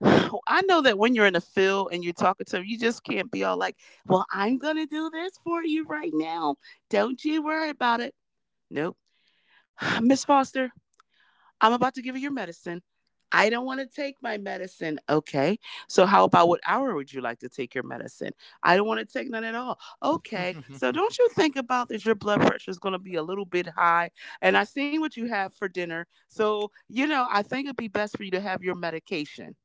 B: <sighs> I know that when you're in the field and you're talking to them, you just can't be all like, well, I'm gonna do this for you right now, don't you worry about it, nope. <sighs> miss foster, I'm about to give you your medicine. I don't want to take my medicine. Okay. So, how about what hour would you like to take your medicine? I don't want to take none at all. Okay. So, don't you think about that your blood pressure is going to be a little bit high? And I seen what you have for dinner. So, you know, I think it'd be best for you to have your medication.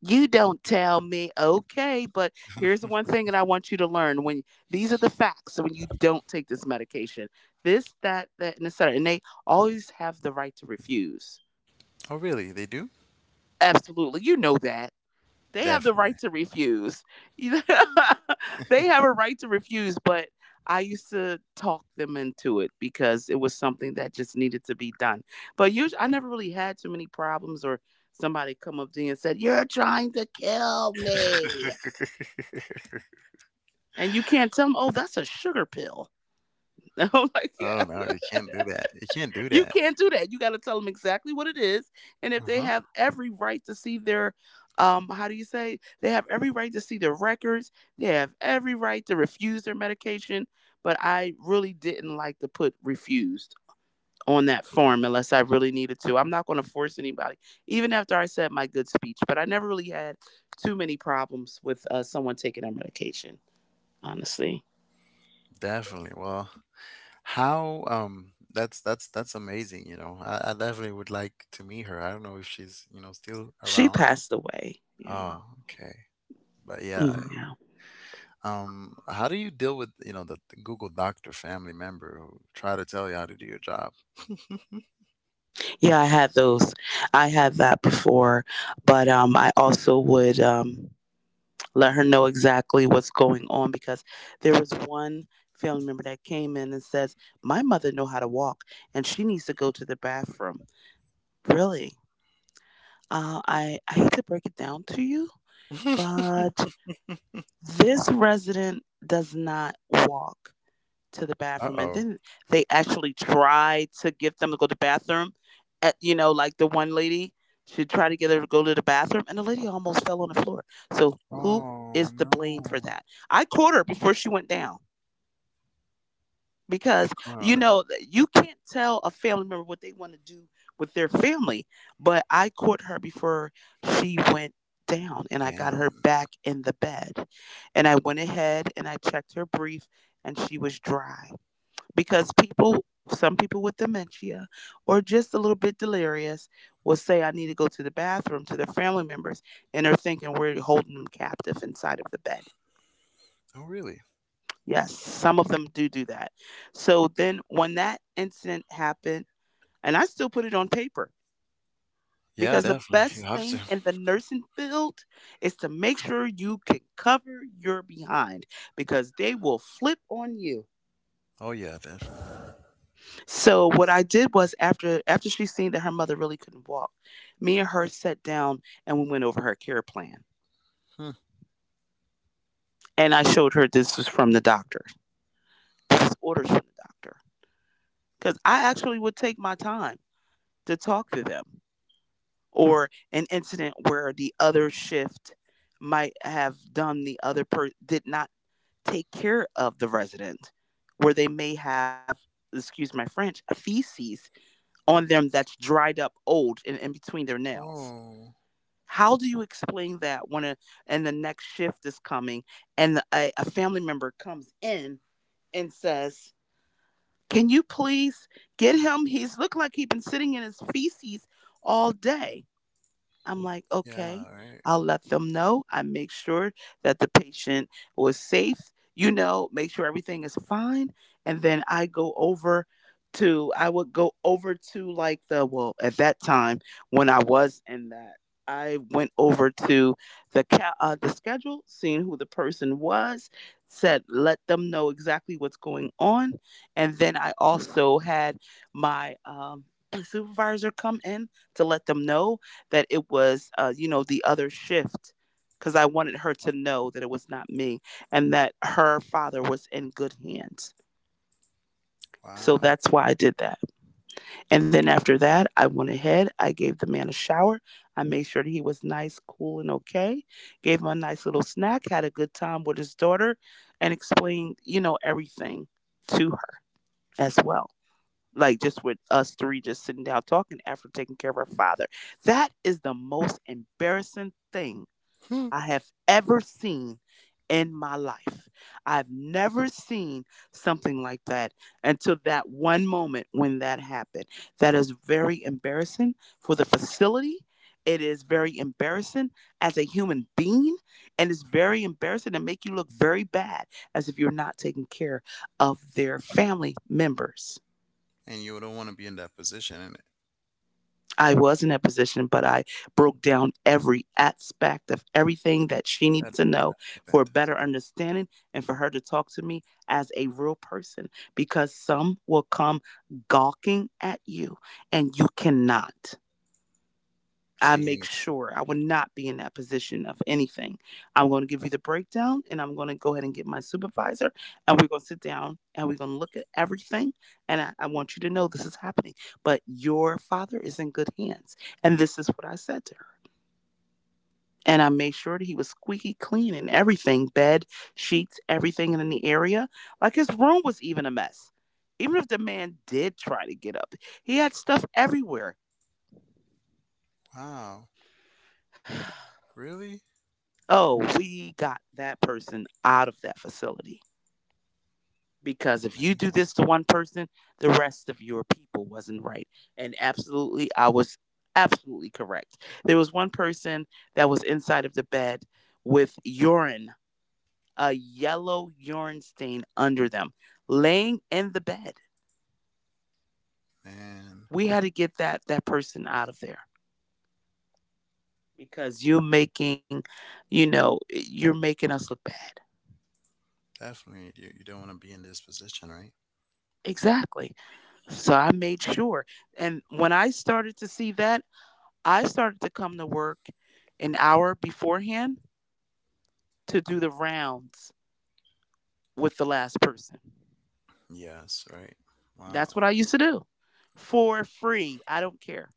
B: You don't tell me. Okay. But here's the one thing that I want you to learn, when these are the facts, when you don't take this medication, this, that, and the cetera. And they always have the right to refuse.
A: Oh, really? They do?
B: Absolutely. You know that. They have the right
A: Definitely.
B: to refuse. <laughs> They have a right to refuse, but I used to talk them into it, because it was something that just needed to be done. But usually, I never really had too many problems, or somebody come up to you and said, you're trying to kill
A: <laughs>
B: me. And you can't tell them, oh, that's a sugar pill. <laughs> I'm like, yeah.
A: Oh no, you can't do that. You can't do
B: You
A: that.
B: can't do that. You got to tell them exactly what it is, and if
A: Uh
B: they
A: huh.
B: have every right to see their, how do you say? They have every right to see their records. They have every right to refuse their medication. But I really didn't like to put refused on that form unless I really needed to. I'm not going to force anybody, even after I said my good speech. But I never really had too many problems with someone taking their medication. Honestly,
A: Definitely. Well, how that's amazing, you know. I definitely would like to meet her. I don't know if she's, you know, still
B: she
A: around.
B: passed away. Yeah.
A: Oh, okay. But yeah,
B: Yeah.
A: how do you deal with, you know, the Google doctor family member who try to tell you how to do your job?
B: Yeah, I had those. I had that before, but I also would let her know exactly what's going on, because there was one family member that came in and says, My mother know how to walk, and she needs to go to the bathroom. Really, I hate to break it down to you,
A: <laughs>
B: but this resident does not walk. To the bathroom, and
A: Uh-oh.
B: then they actually tried to get them to go to the bathroom at, like the one lady, she tried to get her to go to the bathroom, and the lady almost fell on the floor. So who is
A: Oh
B: to blame for
A: no.
B: that? I caught her before she went down, because
A: You
B: you
A: caught her.
B: know you can't tell a family member what they want to do with their family. But I caught her before she went down, and I got her
A: Damn.
B: back in the bed, and I went ahead and I checked her brief, and she was dry, because people some people with dementia or just a little bit delirious will say I need to go to the bathroom to their family members, and they're thinking we're holding them captive inside of the bed.
A: Oh really?
B: Yes, some of them do do that. So then when that incident happened, and I still put it on paper,
A: Yeah,
B: because the
A: definitely. <laughs> You
B: best
A: have to.
B: thing in the nursing field is to make sure you can cover your behind, because they will flip on you.
A: Oh yeah, definitely.
B: So what I did was, after she seen that her mother really couldn't walk, me and her sat down and we went over her care plan.
A: Hmm.
B: And I showed her, this was from the doctor. This is orders from the doctor. Because I actually would take my time to talk to them. Or an incident where the other shift might have done the other per did not take care of the resident, where they may have, excuse my French, feces on them that's dried up old and in between their nails.
A: Oh.
B: How do you explain that, when a and the next shift is coming, and a family member comes in and says, Can you please get him? He's looked like he's been sitting in his feces all day. I'm like, okay,
A: Yeah, right.
B: I'll let them know. I make sure that the patient was safe, you know, make sure everything is fine. And then I go I would go over to like well, at that time when I was in that, I went over to the schedule, seeing who the person was, said let them know exactly what's going on, and then I also had my <clears throat> supervisor come in to let them know that it was, the other shift, because I wanted her to know that it was not me and that her father was in good hands. So
A: Wow.
B: that's why I did that. And then after that, I went ahead. I gave the man a shower. I made sure that he was nice, cool, and okay. Gave him a nice little snack, had a good time with his daughter, and explained, everything to her as well. Like just with us three just sitting down talking after taking care of her father. That is the most embarrassing thing
A: Hmm.
B: I have ever seen in my life. I've never seen something like that until that one moment when that happened. That is very embarrassing for the facility. It is very embarrassing as a human being, and it's very embarrassing to make you look very bad as if you're not taking care of their family members.
A: And you don't want to be in that position, and
B: I was in that position, but I broke down every aspect of everything that she needs
A: that
B: to know for a
A: happened.
B: better
A: Yes.
B: understanding and for her to talk to me as a real person because some will come gawking at you and you cannot. I
A: Say
B: make
A: anything.
B: sure I will not be in that position of anything. I'm going to give you the breakdown and I'm going to go ahead and get my supervisor and we're going to sit down and we're going to look at everything. And I want you to know this is happening, but your father is in good hands. And this is what I said to her. And I made sure that he was squeaky clean in everything: bed, sheets, everything in the area. Like his room was even a mess. Even if the man did try to get up, he had stuff everywhere.
A: Wow. Really?
B: Oh, we got that person out of that facility. Because if you do
A: Man,
B: this to one person, the rest of your people wasn't right. And absolutely, I was absolutely correct. There was one person that was inside of the bed with urine, a yellow urine stain under them, laying in the bed.
A: man.
B: We had to get that person out of there because you're making, you're making us look bad.
A: Definitely. You don't want to be in this position, right?
B: Exactly. So I made sure. And when I started to see that, I started to come to work an hour beforehand to do the rounds with the last person.
A: Yes, right. Wow.
B: That's what I used to do for free. I don't care.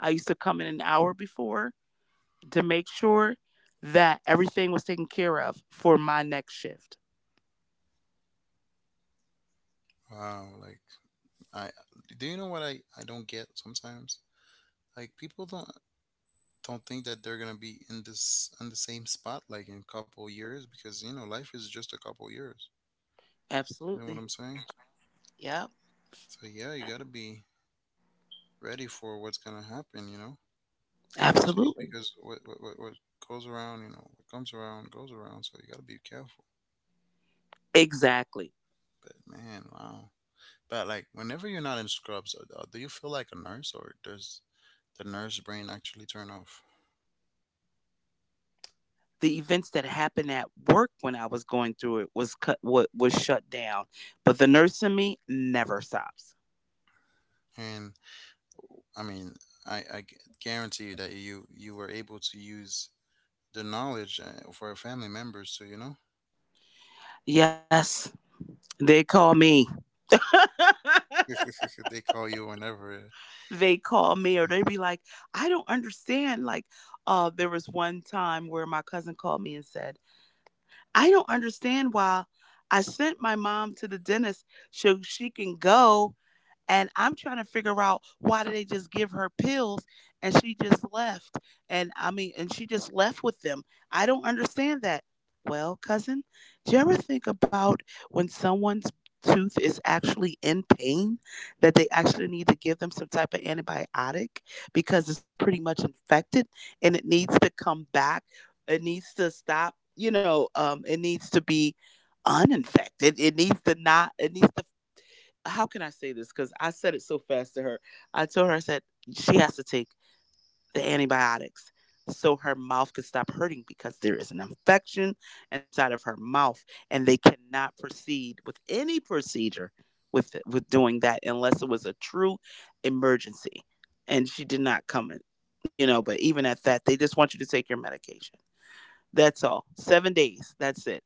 B: I used to come in an hour before to make sure that everything was taken care of for my next shift.
A: Wow. Like, I do you know what I don't get sometimes? Like, people don't think that they're gonna be in this in the same spot like in a couple years because you know life is just a couple years. You know
B: Absolutely.
A: what I'm saying?
B: Yep.
A: So yeah, you gotta be ready for what's gonna happen, you know. So you
B: Absolutely.
A: because what goes around, you know, what comes around goes around. So you gotta be careful.
B: Exactly.
A: But man, wow. But like, whenever you're not in scrubs, do you feel like a nurse, or does the nurse brain actually turn off?
B: The events that happened at work when I was going through it was cut what was shut down. But the nurse in me never stops.
A: And I mean, I, I gu- guarantee you that you were able to use the knowledge for your family members. So you know,
B: Yes, they call me. <laughs>
A: <laughs> they call you whenever.
B: They call me, or they be like, I don't understand. Like, there was one time where my cousin called me and said, I don't understand why I sent my mom to the dentist so she can go. And I'm trying to figure out, why did they just give her pills and she just left? And I mean, and she just left with them. I don't understand that. Well, cousin, do you ever think about when someone's tooth is actually in pain that they actually need to give them some type of antibiotic because it's pretty much infected and it needs to come back. It needs to stop, it needs to be uninfected. It needs to not, it needs to, how can I say this? Because I said it so fast to her. I told her, I said, she has to take the antibiotics so her mouth could stop hurting because there is an infection inside of her mouth and they cannot proceed with any procedure with doing that unless it was a true emergency, and she did not come in. You know, but even at that, they just want you to take your medication. That's all 7 days, that's it.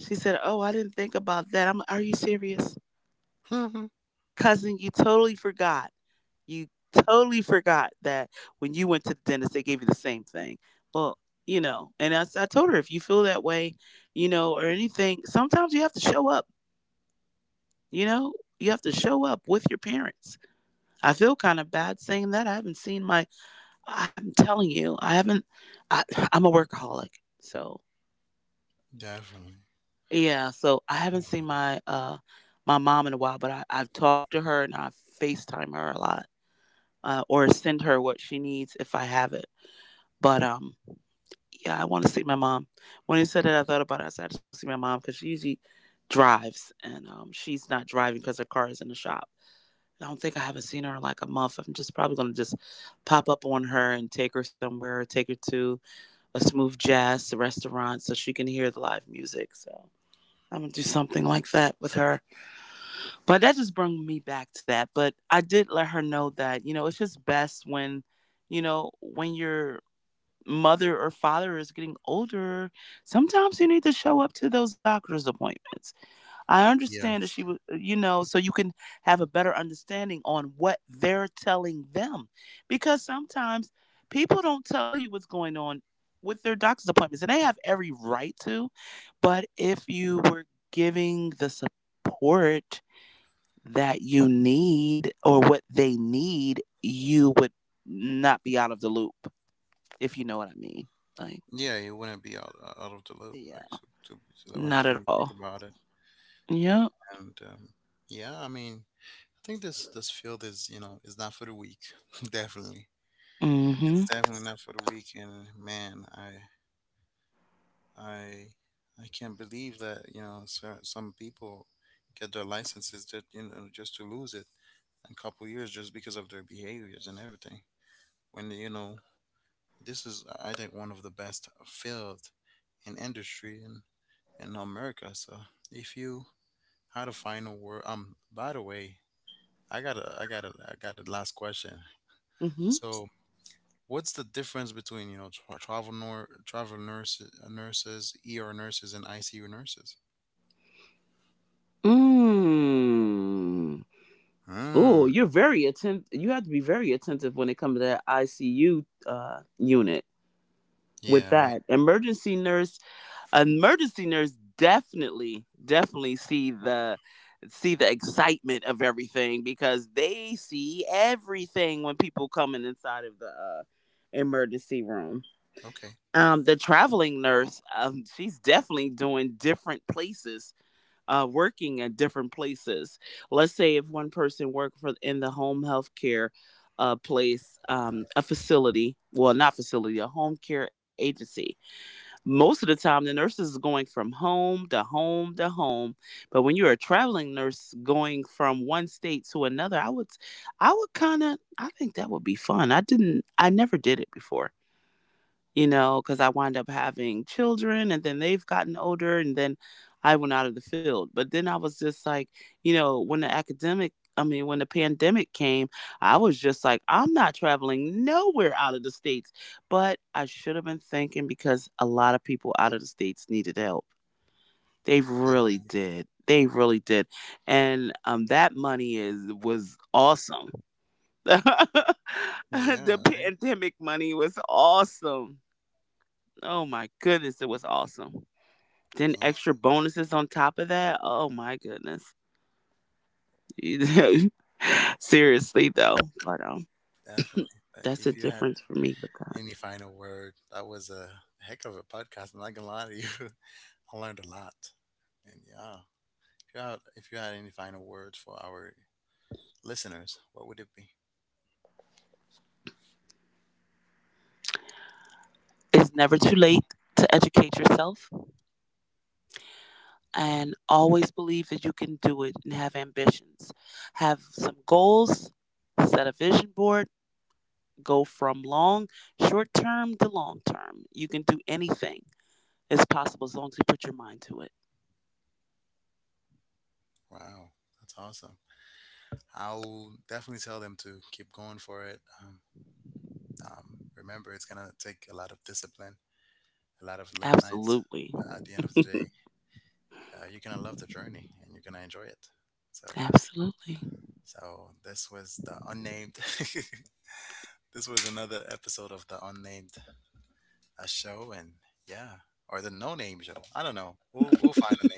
B: She said, oh, I didn't think about that. I'm, are you serious?
A: It,
B: Cousin, you totally forgot. You totally forgot that when you went to the dentist, they gave you the same thing. Well, you know, and I told her, if you feel that way, you know, or anything, sometimes you have to show up, you know, you have to show up with your parents. I feel kind of bad saying that. I haven't seen my, I'm telling you, I haven't, I, <sighs> I'm a workaholic. So,
A: <laughs> definitely.
B: yeah, so I haven't seen
A: Oh,
B: my, my mom in a while, but I've talked to her, and I FaceTime her a lot, or send her what she needs if I have it. But yeah, I want to see my mom. When he said that, I thought about it. I said, I just want to see my mom because she usually drives and she's not driving because her car is in the shop. I don't think I haven't seen her in like a month. I'm just probably going to just pop up on her and take her somewhere, take her to a smooth jazz restaurant so she can hear the live music. So I'm going to do something like that with her. But that just brought me back to that. But I did let her know that, you know, it's just best when. You know, when you're mother or father is getting older, sometimes you need to show up to those doctor's appointments. I understand that
A: yes.
B: she was, you know, so you can have a better understanding on what they're telling them. Because sometimes people don't tell you what's going on with their doctor's appointments, and they have every right to. But if you were giving the support that you need or what they need, you would not be out of the loop, if you know what I mean. Like,
A: Yeah, you wouldn't be out out of the loop,
B: yeah.
A: so that
B: Not
A: when you
B: at
A: think
B: all.
A: about it,
B: Yeah.
A: and yeah, I mean, I think this field is you know is not for the weak. <laughs> Definitely, it's
B: Mm-hmm.
A: definitely not for the weak. And man, I I can't believe that you know so, some people get their licenses that you know just to lose it in a couple years just because of their behaviors and everything. When you know this is I think one of the best field in industry, and in America. So if you had a final word, by the way, I got a last question.
B: Mm-hmm.
A: So what's the difference between you know tra- travel nor travel nurses, nurses, ER nurses, and ICU nurses?
B: Mm.
A: Hmm.
B: Oh, you're very attentive. You have to be very attentive when it comes to that ICU unit.
A: Yeah.
B: With
A: Right.
B: that emergency nurse definitely, definitely see the excitement of everything because they see everything when people coming inside of the emergency room.
A: Okay.
B: The traveling nurse, she's definitely doing different places, working at different places. Let's say if one person worked for in the home health care place, a facility, well, not facility, a home care agency. Most of the time, the nurses is going from home to home to home. But when you're a traveling nurse going from one state to another, I would kind of, I think that would be fun. I didn't, I never did it before, you know, because I wind up having children and then they've gotten older and then I went out of the field. But then I was just like, you know, when the academic, I mean, when the pandemic came, I was just like, I'm not traveling nowhere out of the States. But I should have been thinking because a lot of people out of the States needed help. They really
A: Definitely.
B: did. They really did. And that money is was awesome. <laughs>
A: Yeah.
B: The
A: Right.
B: pandemic money was awesome. Oh my goodness, it was awesome. Then
A: Yeah,
B: extra bonuses on top of that. Oh my goodness. <laughs> Seriously though, but
A: definitely. But
B: that's
A: if
B: the
A: you had
B: difference for me with that.
A: any final word, that was a heck of a podcast. I'm not gonna lie to you. <laughs> I learned a lot. And yeah, if you had any final words for our listeners, what would it be?
B: It's never too
A: Mhm.
B: late to educate yourself, and always believe that you can do it and have ambitions. Have some goals, set a vision board, go from long, short term to long term. You can do anything. It's possible as long as you put your mind to it.
A: Wow, that's awesome. I'll definitely tell them to keep going for it. Remember, it's gonna take a lot of discipline, a lot of late nights,
B: Absolutely.
A: but at the end of the day, you're gonna love the journey and you're gonna enjoy it. So yeah.
B: <laughs> Absolutely.
A: So this was the unnamed. <laughs> This was another episode of the unnamed show, and yeah, or the no name show. I don't know. We'll find a name.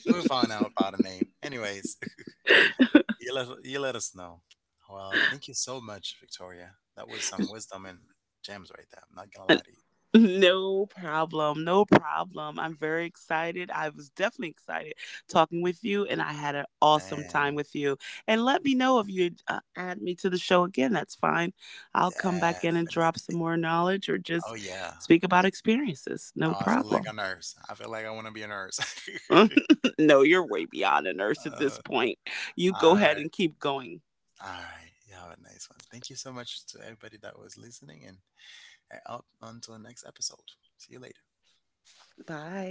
A: We'll find out about a name. Anyways. You let us know. Well, thank you so much, Victoria. That was some wisdom and gems right there. I'm not gonna lie to
B: <laughs>
A: you.
B: No problem. No problem. I'm very excited. I was definitely excited talking with you, and I had an awesome
A: Man,
B: time with you. And let me know if you add me to the show again. That's fine. I'll come back in and drop
A: definitely.
B: some more knowledge or
A: Oh
B: just
A: yeah.
B: speak about experiences.
A: Now
B: No
A: I feel like a
B: problem.
A: nurse. I feel like I want to be a nurse.
B: <laughs> No, you're way beyond a
A: <laughs>
B: nurse at
A: uh,
B: this point. You
A: all
B: go
A: right.
B: ahead and keep going.
A: All right. You have a nice one. Thank you so much to everybody that was listening and up until the next episode. See you later.
B: Bye.